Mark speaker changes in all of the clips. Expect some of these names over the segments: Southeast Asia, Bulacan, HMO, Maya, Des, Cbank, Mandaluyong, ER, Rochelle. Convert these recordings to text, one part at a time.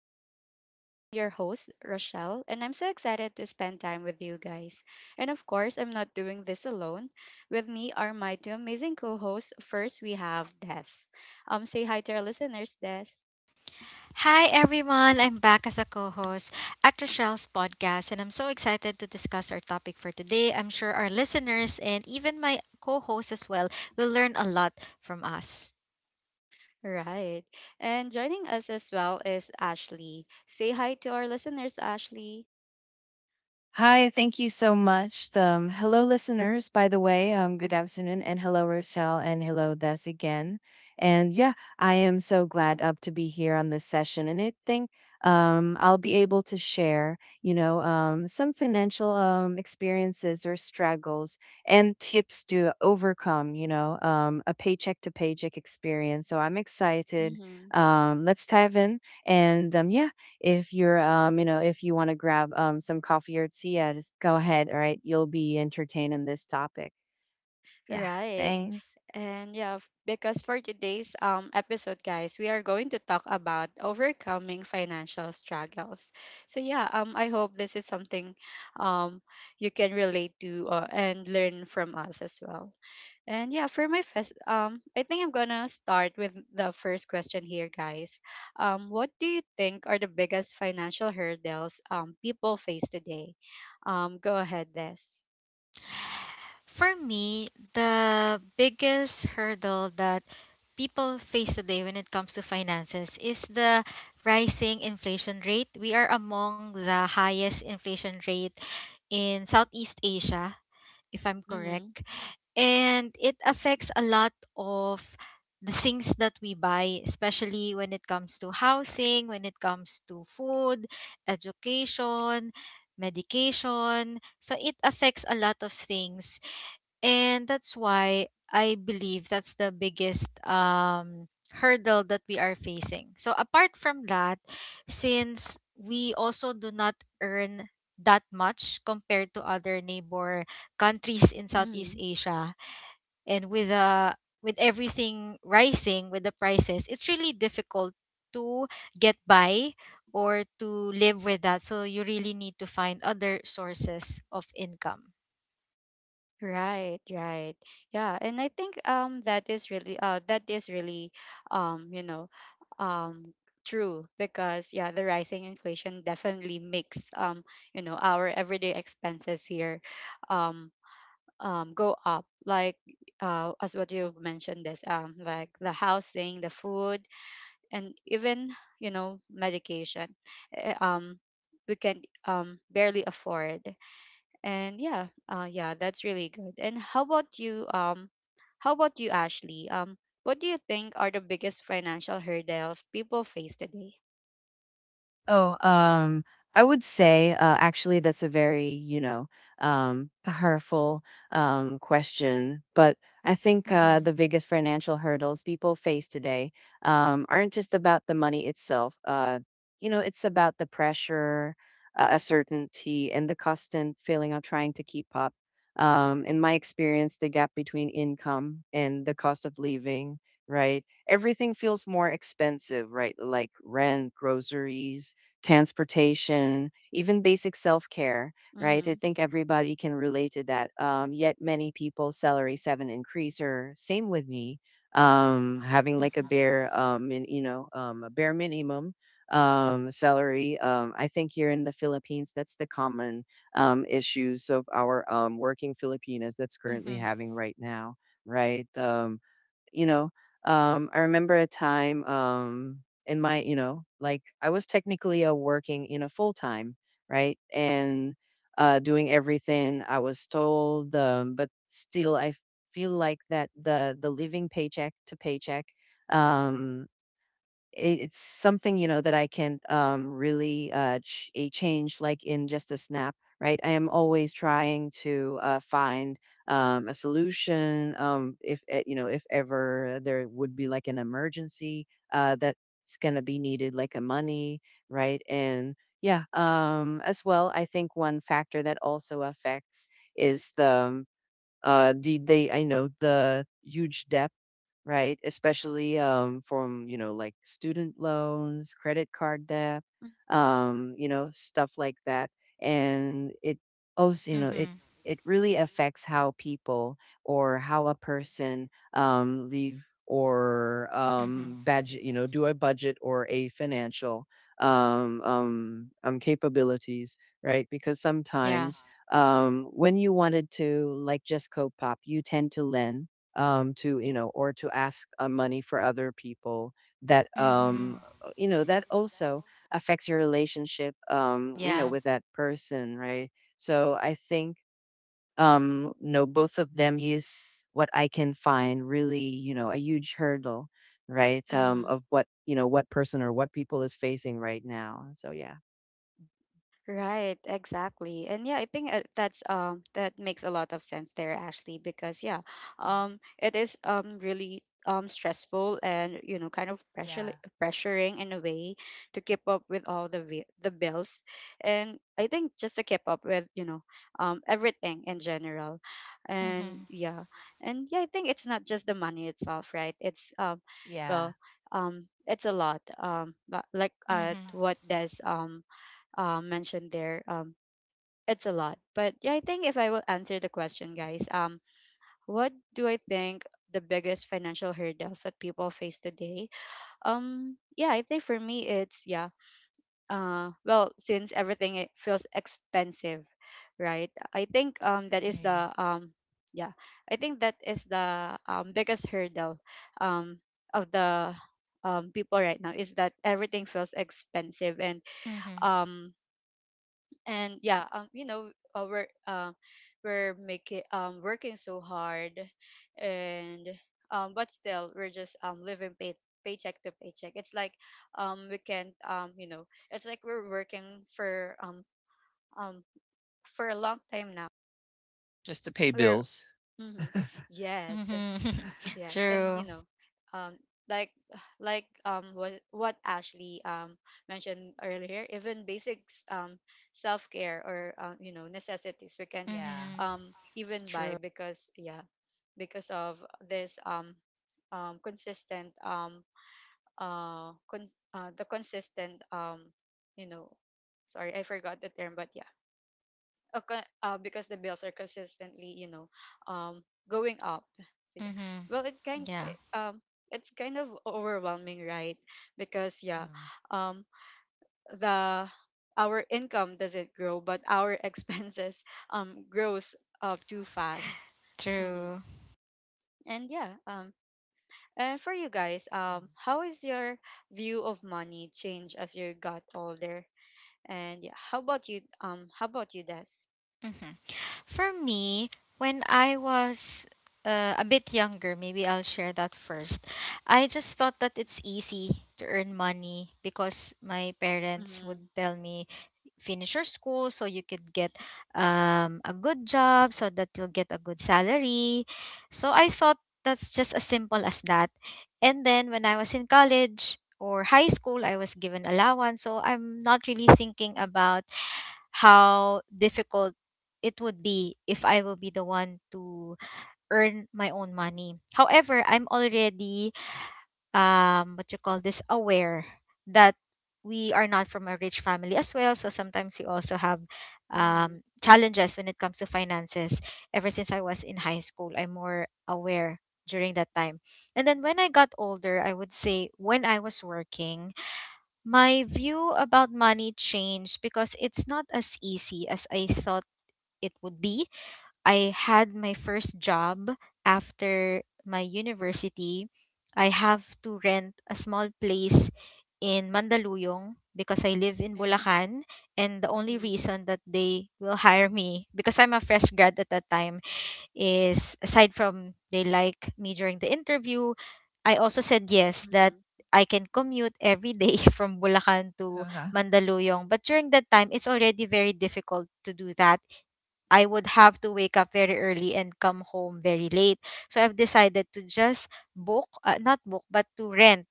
Speaker 1: our talks. I'm your host, Rochelle, and I'm so excited to spend time with you guys. And of course, I'm not doing this alone. With me are my two amazing co hosts. First, we have Des. Say hi to our listeners, Des.
Speaker 2: Hi everyone, I'm back as a co-host at Rochelle's podcast and I'm so excited to discuss our topic for today. I'm sure our listeners and even my co-host as well will learn a lot from us.
Speaker 1: Right. And joining us as well is Ashley. Say hi to our listeners, Ashley.
Speaker 3: Hi, thank you so much. Hello, listeners, by the way. Good afternoon, and hello, Rochelle, and hello, Des again. And yeah, I am so glad up to be here on this session. And I think I'll be able to share, some financial experiences or struggles and tips to overcome, a paycheck to paycheck experience. So I'm excited.
Speaker 1: Mm-hmm.
Speaker 3: Let's dive in. And um, yeah, if you're, if you want to grab some coffee or tea, yeah, just go ahead. All right. You'll be entertained in this topic. Yeah.
Speaker 1: Right.
Speaker 3: Thanks.
Speaker 1: And yeah, because for today's episode, guys, we are going to talk about overcoming financial struggles. So yeah, I hope this is something um you can relate to, and learn from us as well. And yeah, for my first, I think I'm gonna start with the first question here, guys. What do you think are the biggest financial hurdles people face today? Go ahead, Des.
Speaker 2: For me, the biggest hurdle that people face today when it comes to finances is the rising inflation rate. We are among the highest inflation rate in Southeast Asia, if I'm
Speaker 1: Mm-hmm.
Speaker 2: correct. And it affects a lot of the things that we buy, especially when it comes to housing, when it comes to food, education, medication. So it affects a lot of things and that's why I believe that's the biggest hurdle that we are facing. So apart from that, since we also do not earn that much compared to other neighbor countries in Southeast
Speaker 1: Mm-hmm.
Speaker 2: Asia, and with everything rising with the prices, it's really difficult to get by or to live with that, so you really need to find other sources of income.
Speaker 1: Right, right. Yeah, and I think that is really um you know um true, because yeah, the rising inflation definitely makes our everyday expenses here um go up, like as what you've mentioned, this like the housing, the food, and even medication. Eh, Um we can barely afford. And yeah, yeah, that's really good. And how about you, how about you Ashley? What do you think are the biggest financial hurdles people face today?
Speaker 3: Oh, um, I would say actually that's a very, hurtful question. But I think
Speaker 2: Mhm.
Speaker 3: the biggest financial hurdles people face today aren't just about the money itself. It's about the pressure, uncertainty, and the constant feeling of trying to keep up. In my experience, the gap between income and the cost of living, right? Everything feels more expensive, right? Like rent, groceries, transportation, even basic self care, right? I
Speaker 1: Mm-hmm.
Speaker 3: think everybody can relate to that. Yet many people salary seven increase or same with me, having like a
Speaker 2: Mhm.
Speaker 3: bare, a bare minimum salary. I think here in the Philippines, that's the common issues of our working Filipinas that's currently
Speaker 2: Mhm.
Speaker 3: having right now, right? You know, I remember a time in my, you know, like I was technically a working, full time, right? And doing everything I was told, but still I feel like that the living paycheck to paycheck um it's something you know that I can really a change like in just a snap, right? I am always trying to find a solution, if you know if ever there would be like an emergency that's gonna be needed, like a money, right? As well, I think one factor that also affects is the they I know the huge debt, right? Especially from, you know, like student loans, credit card debt, stuff like that. And it also, you know, it
Speaker 2: Mhm.
Speaker 3: it really affects how people or how a person leave or
Speaker 2: Mhm.
Speaker 3: budget, you know, do a budget or a financial capabilities, right? Because
Speaker 2: Yeah.
Speaker 3: sometimes when you wanted to like just cope up, you tend to lend or to ask money for other people.
Speaker 2: Mhm.
Speaker 3: That also affects your relationship,
Speaker 2: Yeah.
Speaker 3: with that person, right? So I think no, both of them is what I can find really, you know, a huge hurdle, right? Um,
Speaker 1: Mm-hmm.
Speaker 3: of what you know, what person or what people is facing right now. So yeah.
Speaker 1: Right, exactly. And yeah, I think, that's, that makes a lot of sense there, Ashley, because yeah,
Speaker 3: Mhm.
Speaker 1: it is really stressful, and kind of pressure
Speaker 3: Yeah.
Speaker 1: pressuring in a way to keep up with all the bills, and I think just to keep up with, everything in general. And
Speaker 2: Mhm.
Speaker 1: yeah, and yeah, I think it's not just the money itself, right? It's,
Speaker 3: Yeah.
Speaker 1: well it's a lot, like,
Speaker 2: Mhm.
Speaker 1: what does mentioned there, it's a lot. But yeah, I think if I will answer the question, guys, what do I think the biggest financial hurdles that people face today? Yeah, I think for me, it's, yeah, well, since everything, it feels expensive, right? I think that is
Speaker 3: eh,
Speaker 1: the, yeah, I think that is the biggest hurdle um of the people right now, is that everything feels expensive,
Speaker 2: Mhm.
Speaker 1: um and yeah you know we're, we're making working so hard, and but still we're just living, paycheck to paycheck. It's like we can't, it's like we're working for, um for a long time now. We're Mhm, yes.
Speaker 2: Mhm.
Speaker 1: Yes, and,
Speaker 2: True.
Speaker 1: um, like, was what Ashley mentioned earlier, even basics, self care, or, necessities we can't
Speaker 3: Yeah.
Speaker 2: Mhm.
Speaker 1: even buy,
Speaker 2: True.
Speaker 1: because yeah, because of this um consistent um the consistent, you know sorry, I forgot the term. But yeah, because the bills are consistently, um going up. So yeah,
Speaker 2: Mhm.
Speaker 1: well,
Speaker 2: Yeah.
Speaker 1: it's kind of overwhelming, right? Because yeah, um the our income doesn't grow, but our expenses grows too fast. Hmm.
Speaker 2: True.
Speaker 1: And yeah, and for you guys, how is your view of money change as you got older? And yeah, how about you, Des?
Speaker 2: Mhm. For me, when I was a bit younger, maybe I'll share that first. I just thought that it's easy to earn money because my parents
Speaker 1: Mm-hmm.
Speaker 2: would tell me, finish your school so you could get a good job, so that you'll get a good salary. So I thought that's just as simple as that. And then when I was in college, or high school, I was given allowance. So I'm not really thinking about how difficult it would be if I will be the one to earn my own money. However, I'm already what you call this, aware that we are not from a rich family as well. So sometimes we also have
Speaker 1: Mm-hmm.
Speaker 2: challenges when it comes to finances. Ever since I was in high school, I'm more aware during that time. And then when I got older, I would say when I was working, my view about money changed because it's not as easy as I thought it would be. I had my first job after my university. I have to rent a small place in Mandaluyong because I live in Bulacan, and the only
Speaker 1: Mm-hmm.
Speaker 2: reason that they will hire me because I'm a fresh grad at that time is, aside from they like me during the interview, I also said yes that
Speaker 1: Mhm.
Speaker 2: I can commute every day from Bulacan to Mandaluyong. But during that time, it's already very difficult to do that. I would have to wake up very early and come home very late. So I've decided to just book, not book, but to rent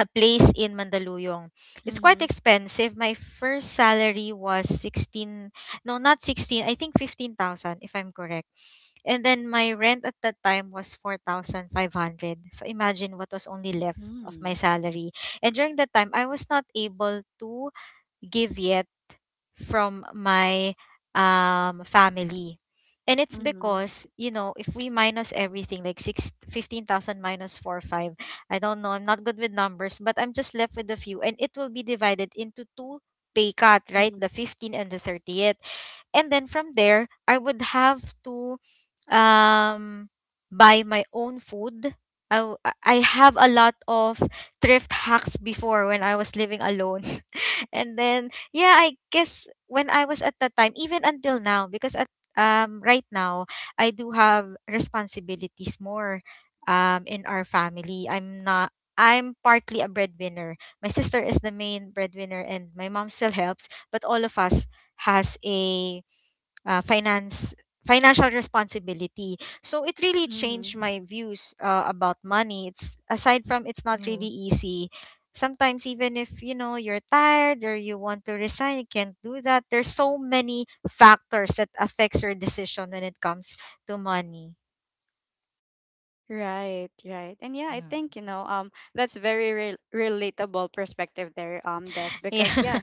Speaker 2: a place in Mandaluyong. It's quite
Speaker 1: Mhm.
Speaker 2: expensive. My first salary was 16, no, not 16, I think 15,000 if I'm correct. And then my rent at that time was 4,500. So imagine what was only left of my
Speaker 1: Mm.
Speaker 2: salary. And during that time, I was not able to give yet from my family. And it's
Speaker 1: Mhm.
Speaker 2: because, you know, if we minus everything, like 6 15,000 minus 4, 5, I don't know, I'm not good with numbers, but I'm just left with a few. And it will be divided into two pay cut, right?
Speaker 1: Mhm.
Speaker 2: The 15th and the 30th. And then from there, I would have to um buy my own food. I have a lot of thrift hacks before when I was living alone. And then yeah, I guess when I was at that time, even until now, because at right now I do have responsibilities more in our family. I'm not, I'm partly a breadwinner. My sister is the main breadwinner and my mom still helps, but all of us has a finance financial responsibility, so it really changed
Speaker 1: Mhm.
Speaker 2: my views about money. It's, aside from it's not really easy, sometimes even if you know you're tired or you want to resign, you can't do that. There's so many factors that affects your decision when it comes to money.
Speaker 1: Right, right. And yeah, I think, that's very relatable perspective there, Des, because
Speaker 2: Yeah.
Speaker 1: yeah,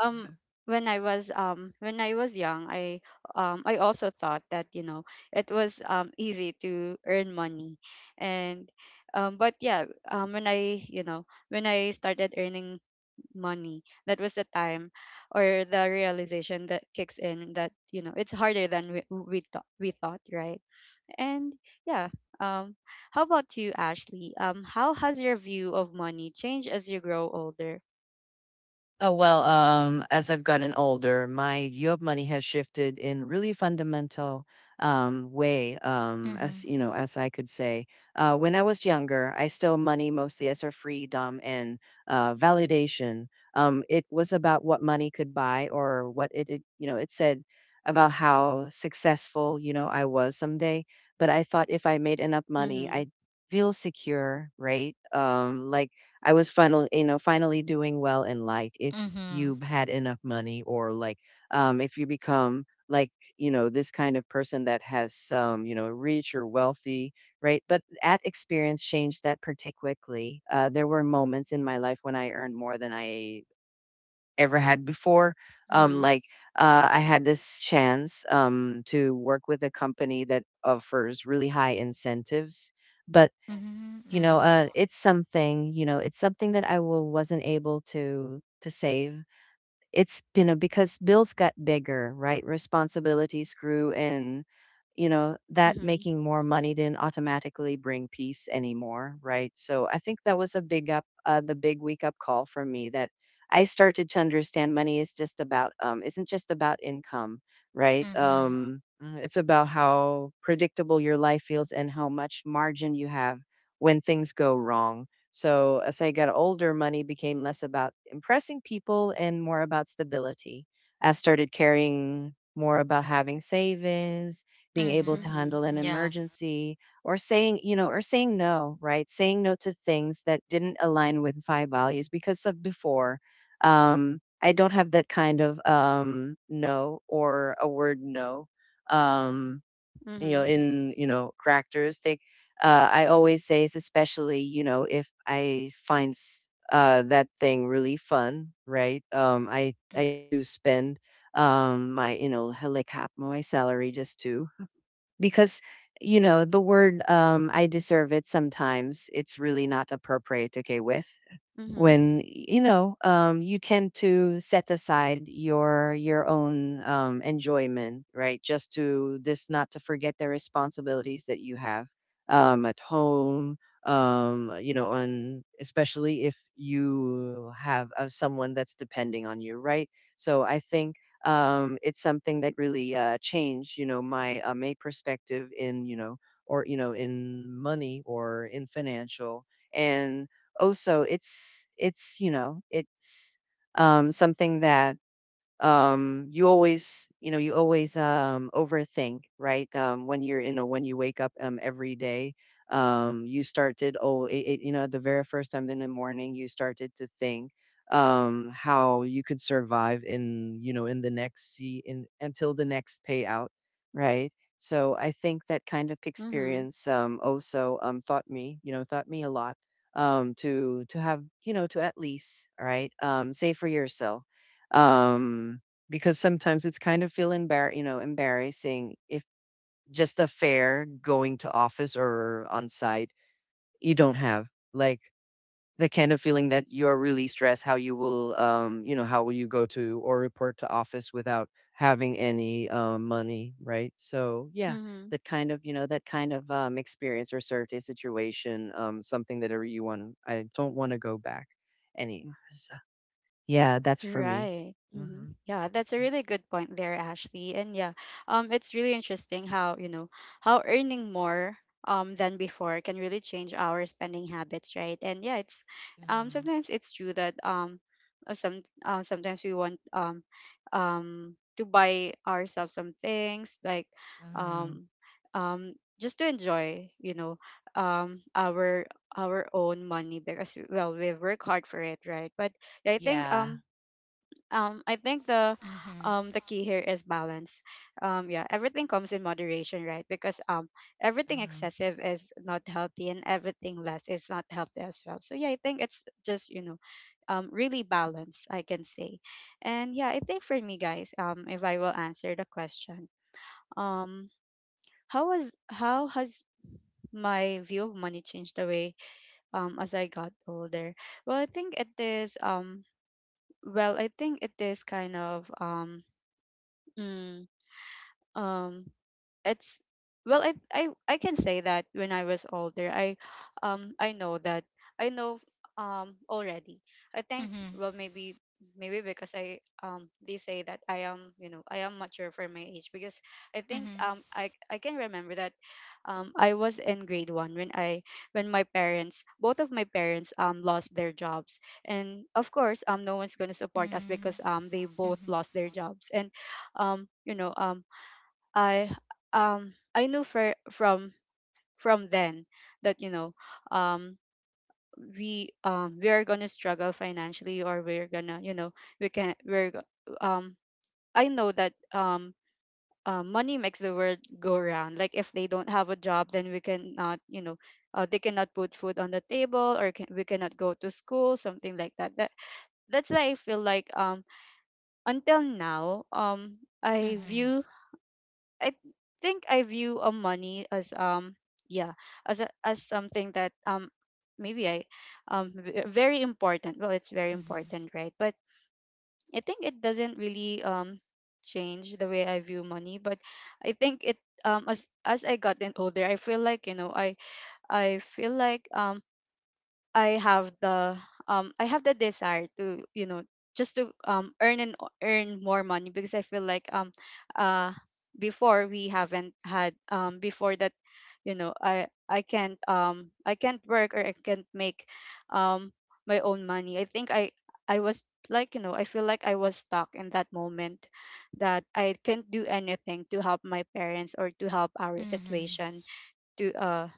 Speaker 1: um when I was young, I also thought that it was easy to earn money. And but yeah, when I started earning money. That was the time, or the realization that kicks in, that, it's harder than we thought, right? And yeah, um, how about you, Ashley? How has your view of money changed as you grow older?
Speaker 3: As I've gotten older, my view of money has shifted in really fundamental way. As
Speaker 2: Mhm.
Speaker 3: you know, as I could say, when I was younger, I saw money mostly as a freedom and validation. It was about what money could buy or what you know, it said about how successful, you know, I was someday. But I thought if I made enough money,
Speaker 1: Mm-hmm.
Speaker 3: I'd feel secure, right? Like I was finally, you know, finally doing well in life. If
Speaker 2: Mhm.
Speaker 3: you had enough money, or like if you become like, you know, this kind of person that has some, you know, rich or wealthy, right? But at experience changed that pretty quickly. There were moments in my life when I earned more than I ever had before. Um,
Speaker 1: Hmm.
Speaker 3: like I had this chance to work with a company that offers really high incentives. But
Speaker 2: Mhm.
Speaker 3: you know
Speaker 2: Mhm.
Speaker 3: it's something you know it's something that wasn't able to save. It's you know because bills got bigger, right? Responsibilities grew and you know that
Speaker 1: Hmm.
Speaker 3: making more money didn't automatically bring peace anymore, right? So I think that was a big up the big wake up call for me, that I started to understand money is just about isn't just about income, right?
Speaker 2: Mhm.
Speaker 3: It's about how predictable your life feels and how much margin you have when things go wrong. So as I got older, money became less about impressing people and more about stability. I started caring more about having savings, being able to
Speaker 2: Mhm.
Speaker 1: Hmm.
Speaker 3: handle an
Speaker 2: Yeah.
Speaker 3: emergency, or saying, you know, or saying no, right? Saying no to things that didn't align with my values, because of before, I don't have that kind of no or a word no. Um, you know,
Speaker 1: Hmm.
Speaker 3: in you know characteristic. I always say is, especially you know if I that thing really fun, right? I used
Speaker 2: Mhm.
Speaker 3: to spend my you know like half my salary, just to because you know the word I deserve it, sometimes it's really not appropriate to go with, when you know you tend to set aside your own enjoyment, right, just to this not to forget the responsibilities that you have at home, you know, on especially if you have someone that's depending on you, right? So I think it's something that really changed you know my my perspective in you know, or you know in money or in financial. And also it's you know it's something that you always you know you always overthink, right? When you're you know when you wake up every day, you started oh you know the very first time in the morning you started to think how you could survive in you know in the next see in until the next payout, right? So I think that kind of
Speaker 1: Hmm.
Speaker 3: experience also taught me you know taught me a lot to have you know, to at least all right save for yourself, um because sometimes it's kind of feel embar you know embarrassing, if just a fair going to office or on site you don't have like the kind of feeling that you're really stressed, how you will you know how will you go to or report to office without having any money, right? So yeah,
Speaker 1: Hmm.
Speaker 3: that kind of you know that kind of experience or certain situation, something that I you want to I don't want to go back any so, yeah, that's for me.
Speaker 1: Right. Hmm.
Speaker 3: Hmm.
Speaker 1: Yeah, that's a really good point there, Ashley. And yeah, it's really interesting how, how earning more than before can really change our spending habits, right? And yeah, it's,
Speaker 3: Uh-huh.
Speaker 1: sometimes it's true that, sometimes we want, to buy ourselves some things like,
Speaker 3: Uh-huh.
Speaker 1: um um just to enjoy, our own money, because, well, we've worked hard for it, right? But yeah, I think,
Speaker 3: Yeah.
Speaker 1: um I think the
Speaker 2: Mhm.
Speaker 1: the key here is balance. Yeah, everything comes in moderation, right? Because everything
Speaker 3: Uh-huh.
Speaker 1: excessive is not healthy, and everything less is not healthy as well. So yeah, I think it's just, really balance, I can say. And yeah, I think for me, guys, if I will answer the question, um how has my view of money changed the way, as I got older? Well, I think it is well, I think it is kind of, Mm, um, it's well, I can say that when I was older, I know that I know already. I think,
Speaker 2: Mhm.
Speaker 1: well, maybe because I they say that I am mature for my age. Because I think
Speaker 2: Mhm.
Speaker 1: I can remember that I was in grade one when I when my parents, both of my parents lost their jobs. And of course no one's gonna support us, because
Speaker 2: Mhm.
Speaker 1: they both
Speaker 2: Mhm.
Speaker 1: lost their jobs. And um you know um I I knew, for, from then, that, um we, we are gonna struggle financially. Or we're gonna, we can, um I know that money makes the world go round. Like, if they don't have a job, then, we cannot you know they cannot put food on the table, or, we cannot go to school, something like that. That, that's why I feel like, until now,
Speaker 2: Mhm.
Speaker 1: I I view a money as, yeah as something that maybe very important. Well, it's very
Speaker 2: Mhm.
Speaker 1: important, right? But I think it doesn't really change the way I view money. But I think it, as I gotten older, I feel like you know I feel like I have the I have the desire to you know just to earn, earn more money. Because I feel like, uh before, we haven't had, before that, I can't, I can't work, or I can't make um my own money. I think I was like you know I feel like I was stuck in that moment, that I can't do anything to help my parents, or to help our
Speaker 2: Mhm.
Speaker 1: situation, to uh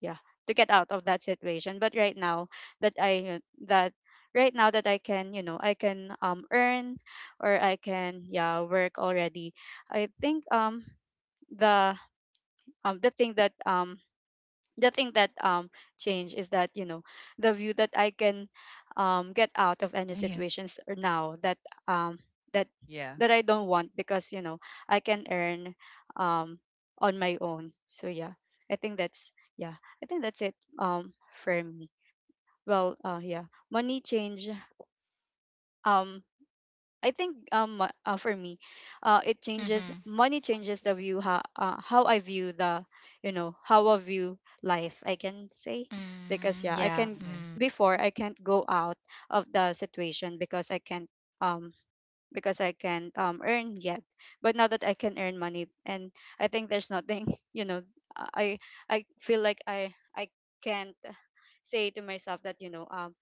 Speaker 1: yeah to get out of that situation. But right now, that i that right now, that I can, earn, or I can, yeah, work already. I think the, the thing that, the thing that um changed is that, the view that I can get out of any
Speaker 3: Yeah. Yeah.
Speaker 1: situations now, that, um that
Speaker 3: Yeah.
Speaker 1: that I don't want, because, I can earn um on my own. So yeah, I think that's yeah I think that's it, for me. Well, yeah, money change, um I think, for me, it changes
Speaker 2: Mhm.
Speaker 1: money changes the view, how I view, the you know how I view life, I can say. Because
Speaker 2: Mm,
Speaker 1: yeah, I
Speaker 2: yeah.
Speaker 1: can
Speaker 3: Okay.
Speaker 2: Mm.
Speaker 1: before I can't go out of the situation, because I can't um earn yet. But now that I can earn money, and I think there's nothing, I feel like I can't say to myself that,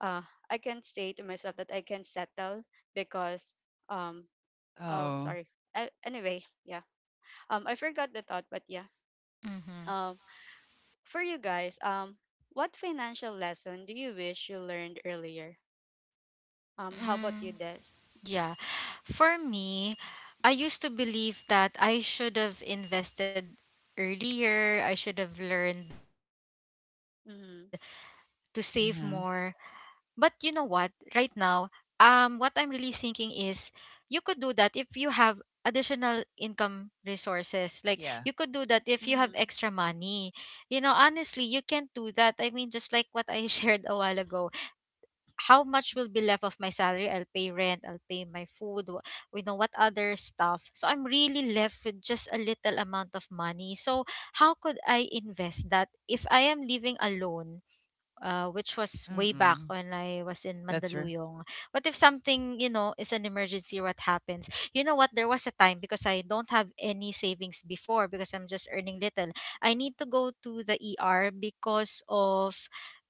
Speaker 1: uh, I can say to myself that I can settle. Because um oh,
Speaker 3: Oh.
Speaker 1: sorry. Anyway, yeah. I forgot the thought, but yeah.
Speaker 2: Mhm.
Speaker 1: Um for you guys, what financial lesson do you wish you learned earlier? How about you,
Speaker 2: Mm,
Speaker 1: Des?
Speaker 2: yeah. For me, I used to believe that I should have invested earlier. I should have learned to save
Speaker 1: Mhm.
Speaker 2: more. But
Speaker 3: Uh
Speaker 2: you know
Speaker 3: huh.
Speaker 2: what? Right now, what I'm really thinking is you could do that if you have additional income resources. Like you could
Speaker 3: Yeah.
Speaker 2: do that if you have extra
Speaker 1: Mhm.
Speaker 2: money. You know, honestly, you can't do that. I mean, just like what I shared a while ago, how much will be left of my salary? I'll pay rent, I'll pay my food, wh- you know, what other stuff. So I'm really left with just a little amount of money. So how could I invest that if I am living alone? Which was way back
Speaker 3: Mm-mm.
Speaker 2: when I was in
Speaker 3: That's her.
Speaker 2: Mandaluyong. What if something, you know, is an emergency? What happens? You know what? There was a time, because I don't have any savings before because I'm just earning little, I need to go to the ER because of,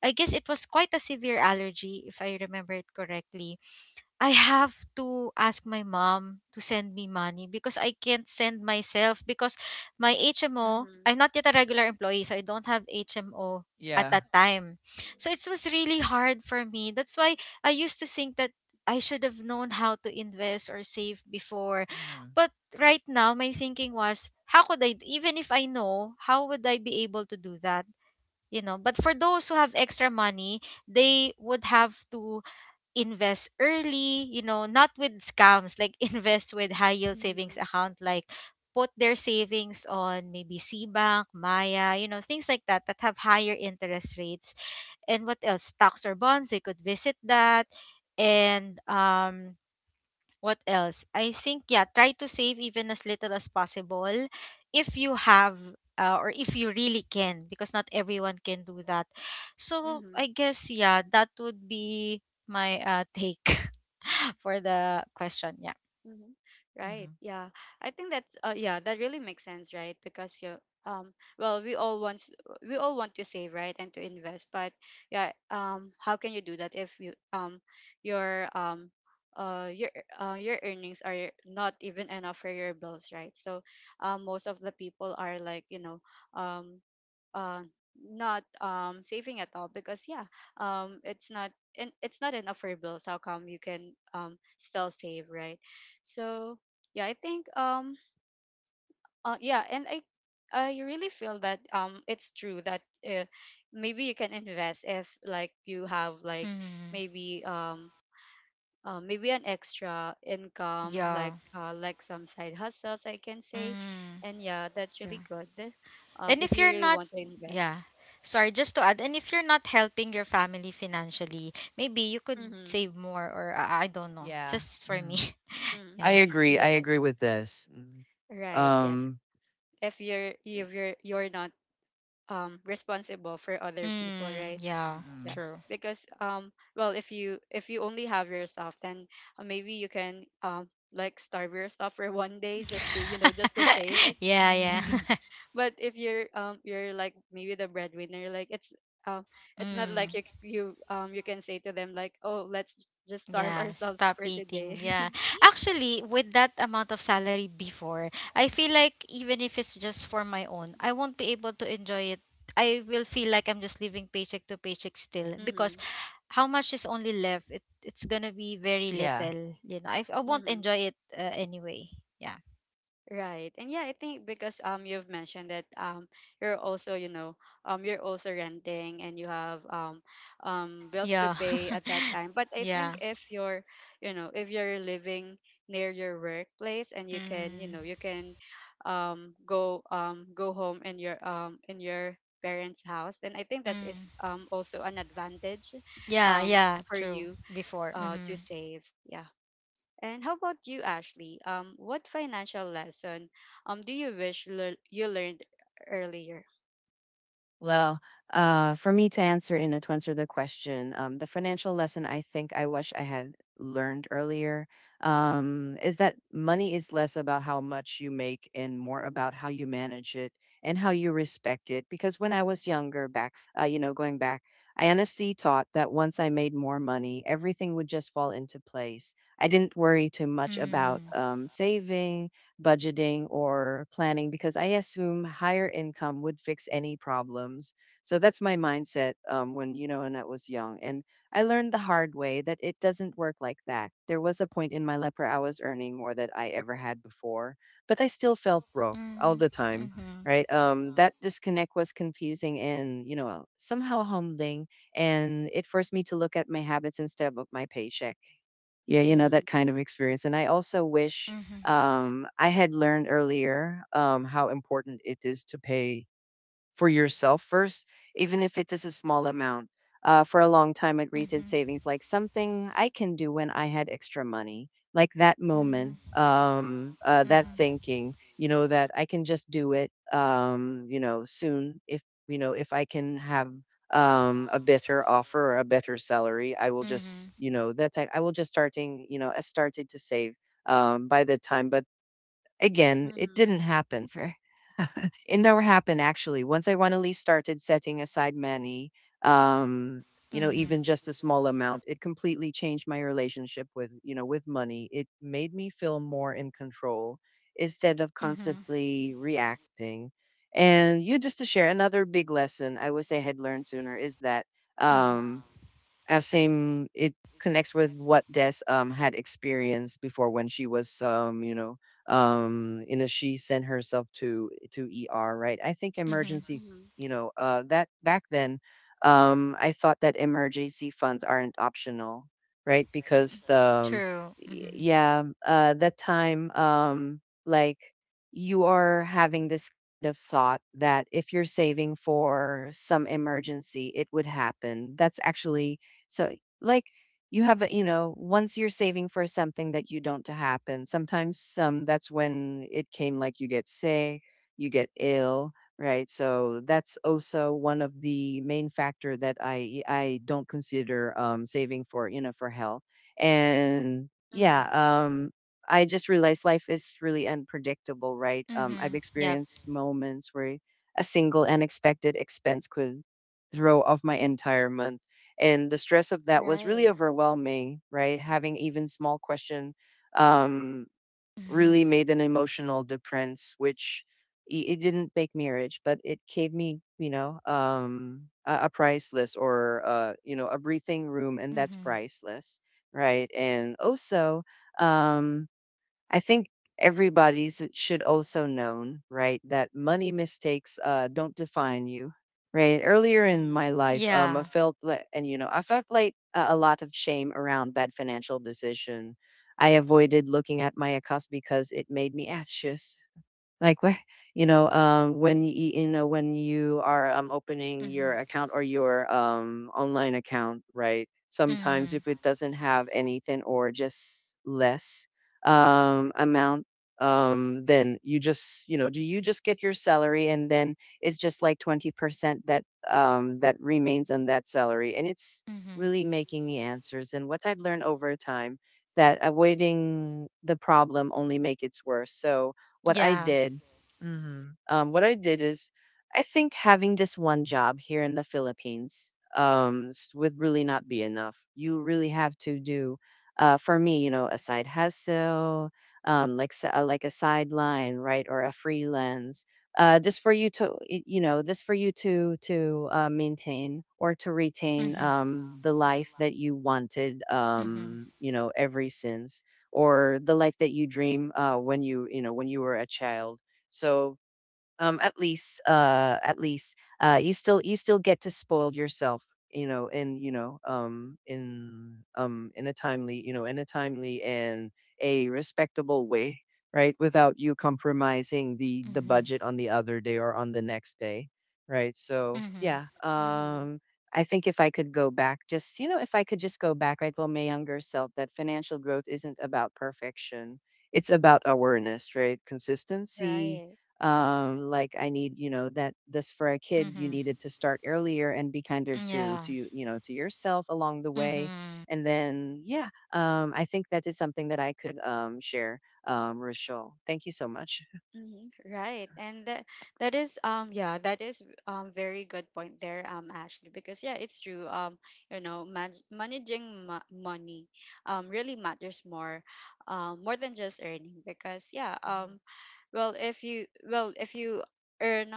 Speaker 2: I guess it was quite a severe allergy, if I remember it correctly, I have to ask my mom to send me money because I can't send myself because my HMO,
Speaker 1: Mhm.
Speaker 2: I'm not yet a regular employee, so I don't have HMO at
Speaker 3: Yeah.
Speaker 2: that time. So it was really hard for me. That's why I used to think that I should have known how to invest or save before.
Speaker 3: Uh-huh.
Speaker 2: But right now, my thinking was, how could I, even if I know, how would I be able to do that? You know, but for those who have extra money, they would have to invest early, you know, not with scams, like invest with high yield savings
Speaker 1: Mhm.
Speaker 2: account, like put their savings on maybe Cbank, Maya, you know, things like that that have higher interest rates. And what else? Stocks or bonds, they could visit that. And what else? I think yeah, try to save even as little as possible if you have or if you really can, because not everyone can do that. So
Speaker 1: Mhm.
Speaker 2: I guess yeah, that would be my take. For the question. Yeah.
Speaker 1: Hmm. Right.
Speaker 3: Uh-huh.
Speaker 1: Yeah. I think that's, yeah, that really makes sense, right? Because, you um well, we all want to save, right, and to invest, but yeah, how can you do that if your, uh your your earnings are not even enough for your bills, right? So, most of the people are like, um uh not saving at all, because yeah, it's not enough for bills. How come you can still save, right? So yeah, I think, yeah, and I really feel that it's true that, maybe you can invest if, like, you have, like,
Speaker 2: Mm,
Speaker 1: maybe maybe an extra income, like,
Speaker 2: yeah.
Speaker 1: like some side hustles, I can say.
Speaker 2: Mm,
Speaker 1: And yeah, that's really
Speaker 2: yeah.
Speaker 1: good.
Speaker 2: And
Speaker 1: If
Speaker 2: if
Speaker 1: you
Speaker 2: you're
Speaker 1: really
Speaker 2: not,
Speaker 1: want to invest.
Speaker 2: yeah. Sorry, just to add, and if you're not helping your family financially, maybe you could
Speaker 1: Mm-hmm,
Speaker 2: save more or, I don't know.
Speaker 3: Yeah.
Speaker 2: Just for
Speaker 3: Mm.
Speaker 2: me.
Speaker 1: mm-hmm.
Speaker 3: I
Speaker 2: Yeah.
Speaker 3: agree. I
Speaker 1: Yes.
Speaker 3: agree with this. Mm.
Speaker 1: Right. Yes. If you're not responsible for other people,
Speaker 2: Mm,
Speaker 1: right?
Speaker 2: yeah,
Speaker 1: Yeah,
Speaker 3: Mm-mm.
Speaker 2: true.
Speaker 1: because, well, if you only have yourself, then, maybe you can, like, starve yourself for one day just to, just to save. Like,
Speaker 2: Yeah, yeah.
Speaker 1: but if you're, you're, like, maybe the breadwinner, like, um it's not like
Speaker 2: Mm,
Speaker 1: you c- you you can say to them, like, oh, let's just starve
Speaker 2: yeah,
Speaker 1: ourselves
Speaker 2: stop
Speaker 1: for today.
Speaker 2: eating. Yeah. Actually, with that amount of salary before, I feel like even if it's just for my own, I won't be able to enjoy it. I will feel like I'm just living paycheck to paycheck still because
Speaker 1: Mm-hmm.
Speaker 2: how much is only left? It, it's gonna be very
Speaker 3: Yeah.
Speaker 2: little. You know, I won't
Speaker 1: Mm-hmm.
Speaker 2: enjoy it anyway. Yeah.
Speaker 1: Right. And yeah, I think, because you've mentioned that you're also, you know, you're also renting, and you have bills to
Speaker 2: Yeah.
Speaker 1: pay at that time. But I
Speaker 2: Yeah.
Speaker 1: think if you're, you know, if you're living near your workplace, and you can, you
Speaker 2: Mm,
Speaker 1: know, you can go go home in your, in your parents' house, then I think that is
Speaker 2: mm.
Speaker 1: also an advantage
Speaker 2: Yeah,
Speaker 1: um
Speaker 2: yeah,
Speaker 1: for
Speaker 2: true.
Speaker 1: you
Speaker 2: Before.
Speaker 1: to
Speaker 2: Mm-hmm.
Speaker 1: save. Yeah. And how about you, Ashley? What financial lesson do you wish, you learned earlier?
Speaker 3: Well, for me to answer in it, to answer the question, the financial lesson I think I wish I had learned earlier is that money is less about how much you make and more about how you manage it and how you respect it. Because when I was younger, back, going back, I honestly thought that once I made more money, everything would just fall into place. I didn't worry too much about
Speaker 2: Mm-hmm.
Speaker 3: saving, budgeting or planning, because I assume higher income would fix any problems. So that's my mindset when you know when I was young, and I learned the hard way that it doesn't work like that. There was a point in my life where I was earning more than I ever had before, but I still felt broke all the time.
Speaker 2: Mm-hmm.
Speaker 3: Right. That disconnect was confusing and, you know, somehow humbling. And it forced me to look at my habits instead of my paycheck. Yeah, you know,
Speaker 1: Mm-hmm.
Speaker 3: that kind of experience. And I also wish
Speaker 2: Mm-hmm.
Speaker 3: I had learned earlier how important it is to pay for yourself first, even if it is a small amount. For a long time, I greeted
Speaker 2: Mm-hmm.
Speaker 3: savings like something I can do when I had extra money. Like that moment, that
Speaker 2: Mm-hmm.
Speaker 3: thinking, you know, that I can just do it, you know, soon. If you know, if I can have a better offer or a better salary, I will
Speaker 2: Mm-hmm.
Speaker 3: just, you know, that type. I will just starting, you know, I started to save by the time. But again, it
Speaker 1: Mm-hmm.
Speaker 3: didn't happen. It never happened actually. Once I finally started setting aside money, um, you know,
Speaker 2: Mm-hmm.
Speaker 3: even just a small amount, it completely changed my relationship with, you know, with money. It made me feel more in control instead of
Speaker 2: Mm-hmm.
Speaker 3: constantly reacting. And you just to share another big lesson I wish I had learned sooner is that um same. It connects with what Des had experienced before when she was she sent herself to ER, right? I think
Speaker 2: Hmm.
Speaker 3: emergency.
Speaker 1: Mm-hmm.
Speaker 3: That back then, I thought that emergency funds aren't optional, right? Because the
Speaker 2: True.
Speaker 3: y-
Speaker 2: Mm-hmm.
Speaker 3: yeah that time, like, you are having this kind of thought that if you're saving for some emergency, it would happen. That's actually so, like, you have, you know, once you're saving for something that you don't to happen, sometimes, that's when it came, like you get sick, you get ill, right? So that's also one of the main factor that I don't consider, saving for, you know, for health. And
Speaker 1: Mm-hmm.
Speaker 3: yeah, I just realized life is really unpredictable, right? I've
Speaker 2: Mm-hmm. Yep.
Speaker 3: experienced moments where a single unexpected expense could throw off my entire month, and the stress of that was really
Speaker 1: Right.
Speaker 3: overwhelming, right? Having even small question, um, really
Speaker 2: Mm-hmm.
Speaker 3: made an emotional difference, which it didn't make me rich, but it gave me, a, priceless, or you know, a breathing room, and that's
Speaker 2: Mm-hmm.
Speaker 3: priceless, right? And also, um, I think everybody's should also known, right, that money mistakes don't define you, right? Earlier in
Speaker 1: Mm-hmm.
Speaker 3: my life, I
Speaker 2: Yeah.
Speaker 3: felt like, and you know, I felt like a lot of shame around bad financial decision. I avoided looking at my accounts because it made me anxious, like, where, when when you are, opening your
Speaker 2: Mm-hmm.
Speaker 3: account or your, online account, right? Sometimes if
Speaker 2: Mm-hmm.
Speaker 3: it doesn't have anything, or just less, amount, then you just, you know, do you just get your salary, and then it's just like 20% that, that remains on that salary. And it's
Speaker 2: Mm-hmm.
Speaker 3: really making the answers. And what I've learned over time is that avoiding the problem only make it worse. So what I
Speaker 2: Yeah.
Speaker 3: did, what I did is, I think having this one job here in the Philippines, would really not be enough. You really have to do, for me, you know, a side hustle, like a sideline, right, or a freelance. Just for you to, you know, just for you to maintain or to retain,
Speaker 2: Mm-hmm.
Speaker 3: the life that you wanted,
Speaker 2: Mm-hmm.
Speaker 3: you know, ever since, or the life that you dream, when you know, when you were a child. So, at least, you still, you still get to spoil yourself, in a timely, in a timely and a respectable way, right, without you compromising the budget
Speaker 2: Mm-hmm.
Speaker 3: on the other day or on the next day, right? So
Speaker 2: Mm-hmm.
Speaker 3: yeah,
Speaker 1: Mm-hmm.
Speaker 3: I think if I could go back, just, you know, if I could just go back, right? Well, my younger self, that financial growth isn't about perfection. It's about awareness, right? Consistency,
Speaker 1: Right.
Speaker 3: I need, you know, that this for a kid, you
Speaker 2: Mm-hmm.
Speaker 3: needed to start earlier and be kinder to
Speaker 2: Yeah.
Speaker 3: you know, to yourself along the way.
Speaker 2: Mm-hmm.
Speaker 3: And then yeah, I think that is something that I could share. Rachel, thank you so much.
Speaker 1: Mm-hmm. Right. And that is, yeah, that is, very good point there, Ashley, because yeah, it's true. You know, managing money really matters more, more than just earning, because yeah,
Speaker 3: Mhm.
Speaker 1: well if you earn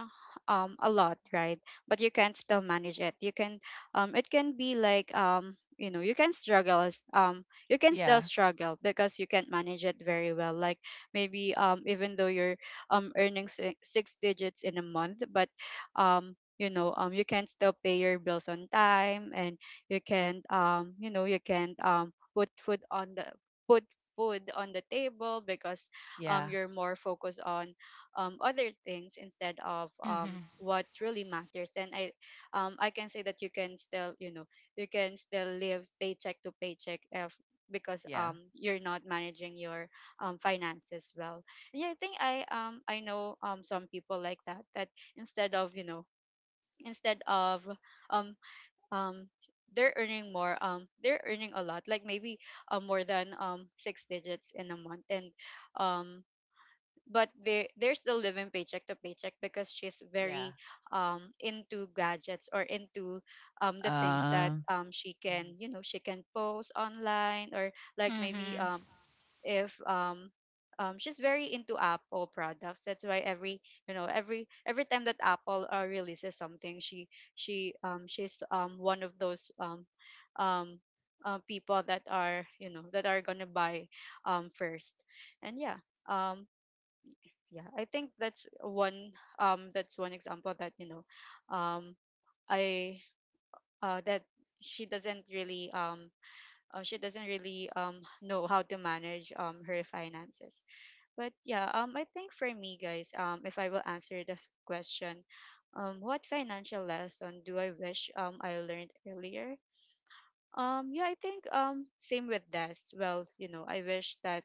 Speaker 1: a lot, right, but you can still manage it. You can, it can be, like, you know, you can you can still
Speaker 3: Yeah,
Speaker 1: struggle because you can't manage it very well, like, maybe, even though you're, six digits in a month, but, you know, you can still pay your bills on time, and you can, you know, you can, put food on the table, because,
Speaker 3: yeah,
Speaker 1: you're more focused on, other things instead of,
Speaker 2: Mm-hmm.
Speaker 1: what really matters. Then, I can say that you can still, you know, you can still live paycheck to paycheck, if, because
Speaker 3: yeah,
Speaker 1: you're not managing your, finances well. And yeah, I think, I know, some people like that, that, instead of, you know, instead of, um um they're earning more, they're earning a lot, like maybe, more than, six digits in a month, and, um but there, there's still living paycheck to paycheck, because she's
Speaker 3: yeah.
Speaker 1: very, into gadgets, or into, the things that,
Speaker 3: Um,
Speaker 1: she can,
Speaker 3: mm,
Speaker 1: you know, she can post online, or, like, maybe,
Speaker 2: Mm-hmm.
Speaker 1: if she's very into Apple products. That's why, every, you know, every time that Apple releases something, she's one of those, um people that are, you know, that are gonna buy, first. And yeah, um yeah, I think that's one, that's one example that, you know, um I that she doesn't really, she doesn't really, know how to manage, her finances. But yeah, I think, for me, guys, if I will answer the question, what financial lesson do I wish, I learned earlier. Yeah, I think, same with this. Well, you know, I wish that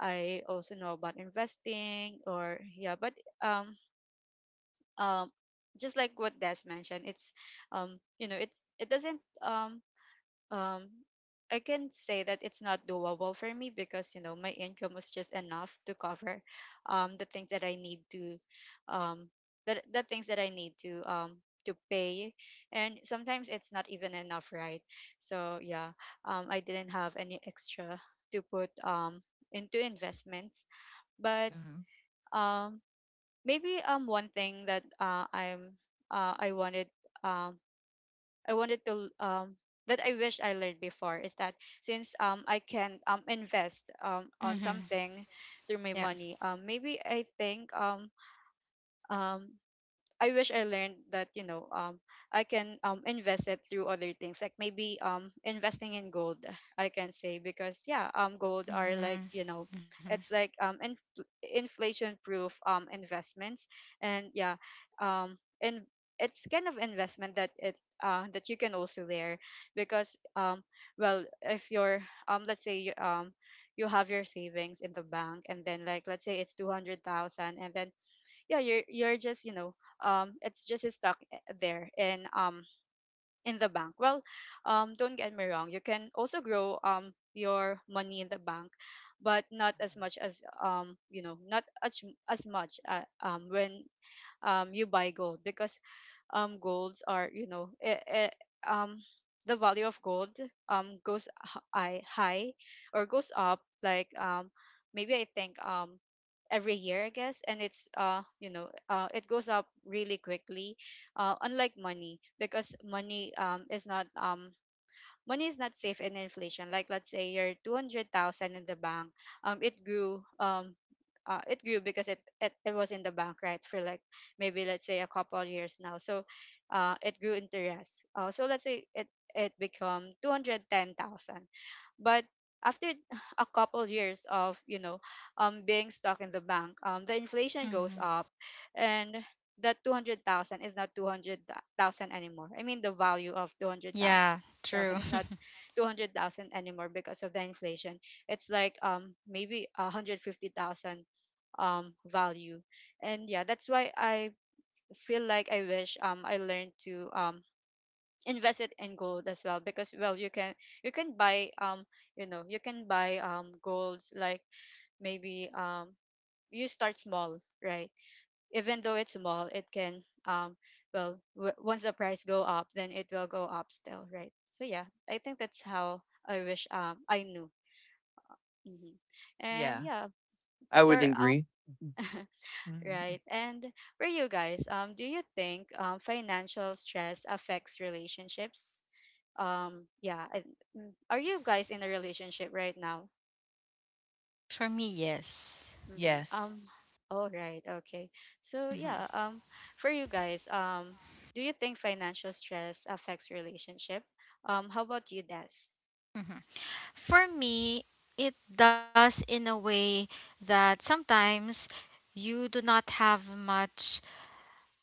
Speaker 1: I also know about investing, or yeah, but um um just like what Des mentioned, it's, you know, it doesn't um I can say that it's not doable for me, because, you know, my income was just enough to cover the things that I need to, um the things that I need to, to pay, and sometimes it's not even enough, right? So yeah, I didn't have any extra to put, into investments. But,
Speaker 3: mm,
Speaker 1: um maybe, one thing that, I wanted, um I wanted to, that I wish I learned before, is that, since, I can, invest, on
Speaker 2: Mm-hmm.
Speaker 1: something through my
Speaker 2: Yeah.
Speaker 1: money, maybe, I think, um I wish I learned that, you know, I can, invest it through other things, like maybe, investing in gold, I can say, because yeah, gold are, like, you know,
Speaker 2: Mm-hmm.
Speaker 1: it's like, inflation proof, investments. And yeah, and it's kind of investment that it, that you can also wear, because, well, if you're, let's say, you, you have your savings in the bank, and then, like, let's say it's 200,000, and then, yeah, you're just, you know, it's just stuck there in, in the bank. Well, don't get me wrong, you can also grow, your money in the bank, but not as much as, you know, not as much, when, you buy gold. Because, golds are, you know, um the value of gold, goes h- I high, or goes up, like maybe, I think, every year, I guess, and it's, you know, it goes up really quickly. Unlike money, because money, is not, money is not safe in inflation. Like, let's say your 200,000 in the bank, it grew, it grew because it was in the bank, right, for like maybe, let's say, a couple of years now. So, it grew interest, so let's say it become 210,000, but after a couple years of, you know, being stuck in the bank, the inflation goes
Speaker 2: Hmm.
Speaker 1: up, and that 200,000 is not 200,000 anymore. I mean, the value of 200,000
Speaker 2: Yeah,
Speaker 1: thousand.
Speaker 2: true.
Speaker 1: It's not 200,000 anymore because of the inflation. It's like, maybe 150,000 value. And yeah, that's why I feel like I wish, I learned to, invest it in gold as well, because, well, you can buy, you know, you can buy, golds, like, maybe, you start small, right? Even though it's small, it can, well, once the price go up, then it will go up still, right? So yeah, I think that's how I wish, I knew. Hmm. And
Speaker 3: yeah,
Speaker 1: yeah,
Speaker 3: I would
Speaker 1: for,
Speaker 3: agree.
Speaker 1: right.
Speaker 3: Mhm.
Speaker 1: And for you guys, do you think, financial stress affects relationships? Yeah, I, mm, are you guys in a relationship right now?
Speaker 2: For me, yes.
Speaker 1: Hmm.
Speaker 3: Yes.
Speaker 1: All right, okay. So
Speaker 2: Hmm.
Speaker 1: yeah, for you guys, do you think financial stress affects relationship? How about you, Des?
Speaker 2: Hmm. For me, it does, in a way that sometimes you do not have much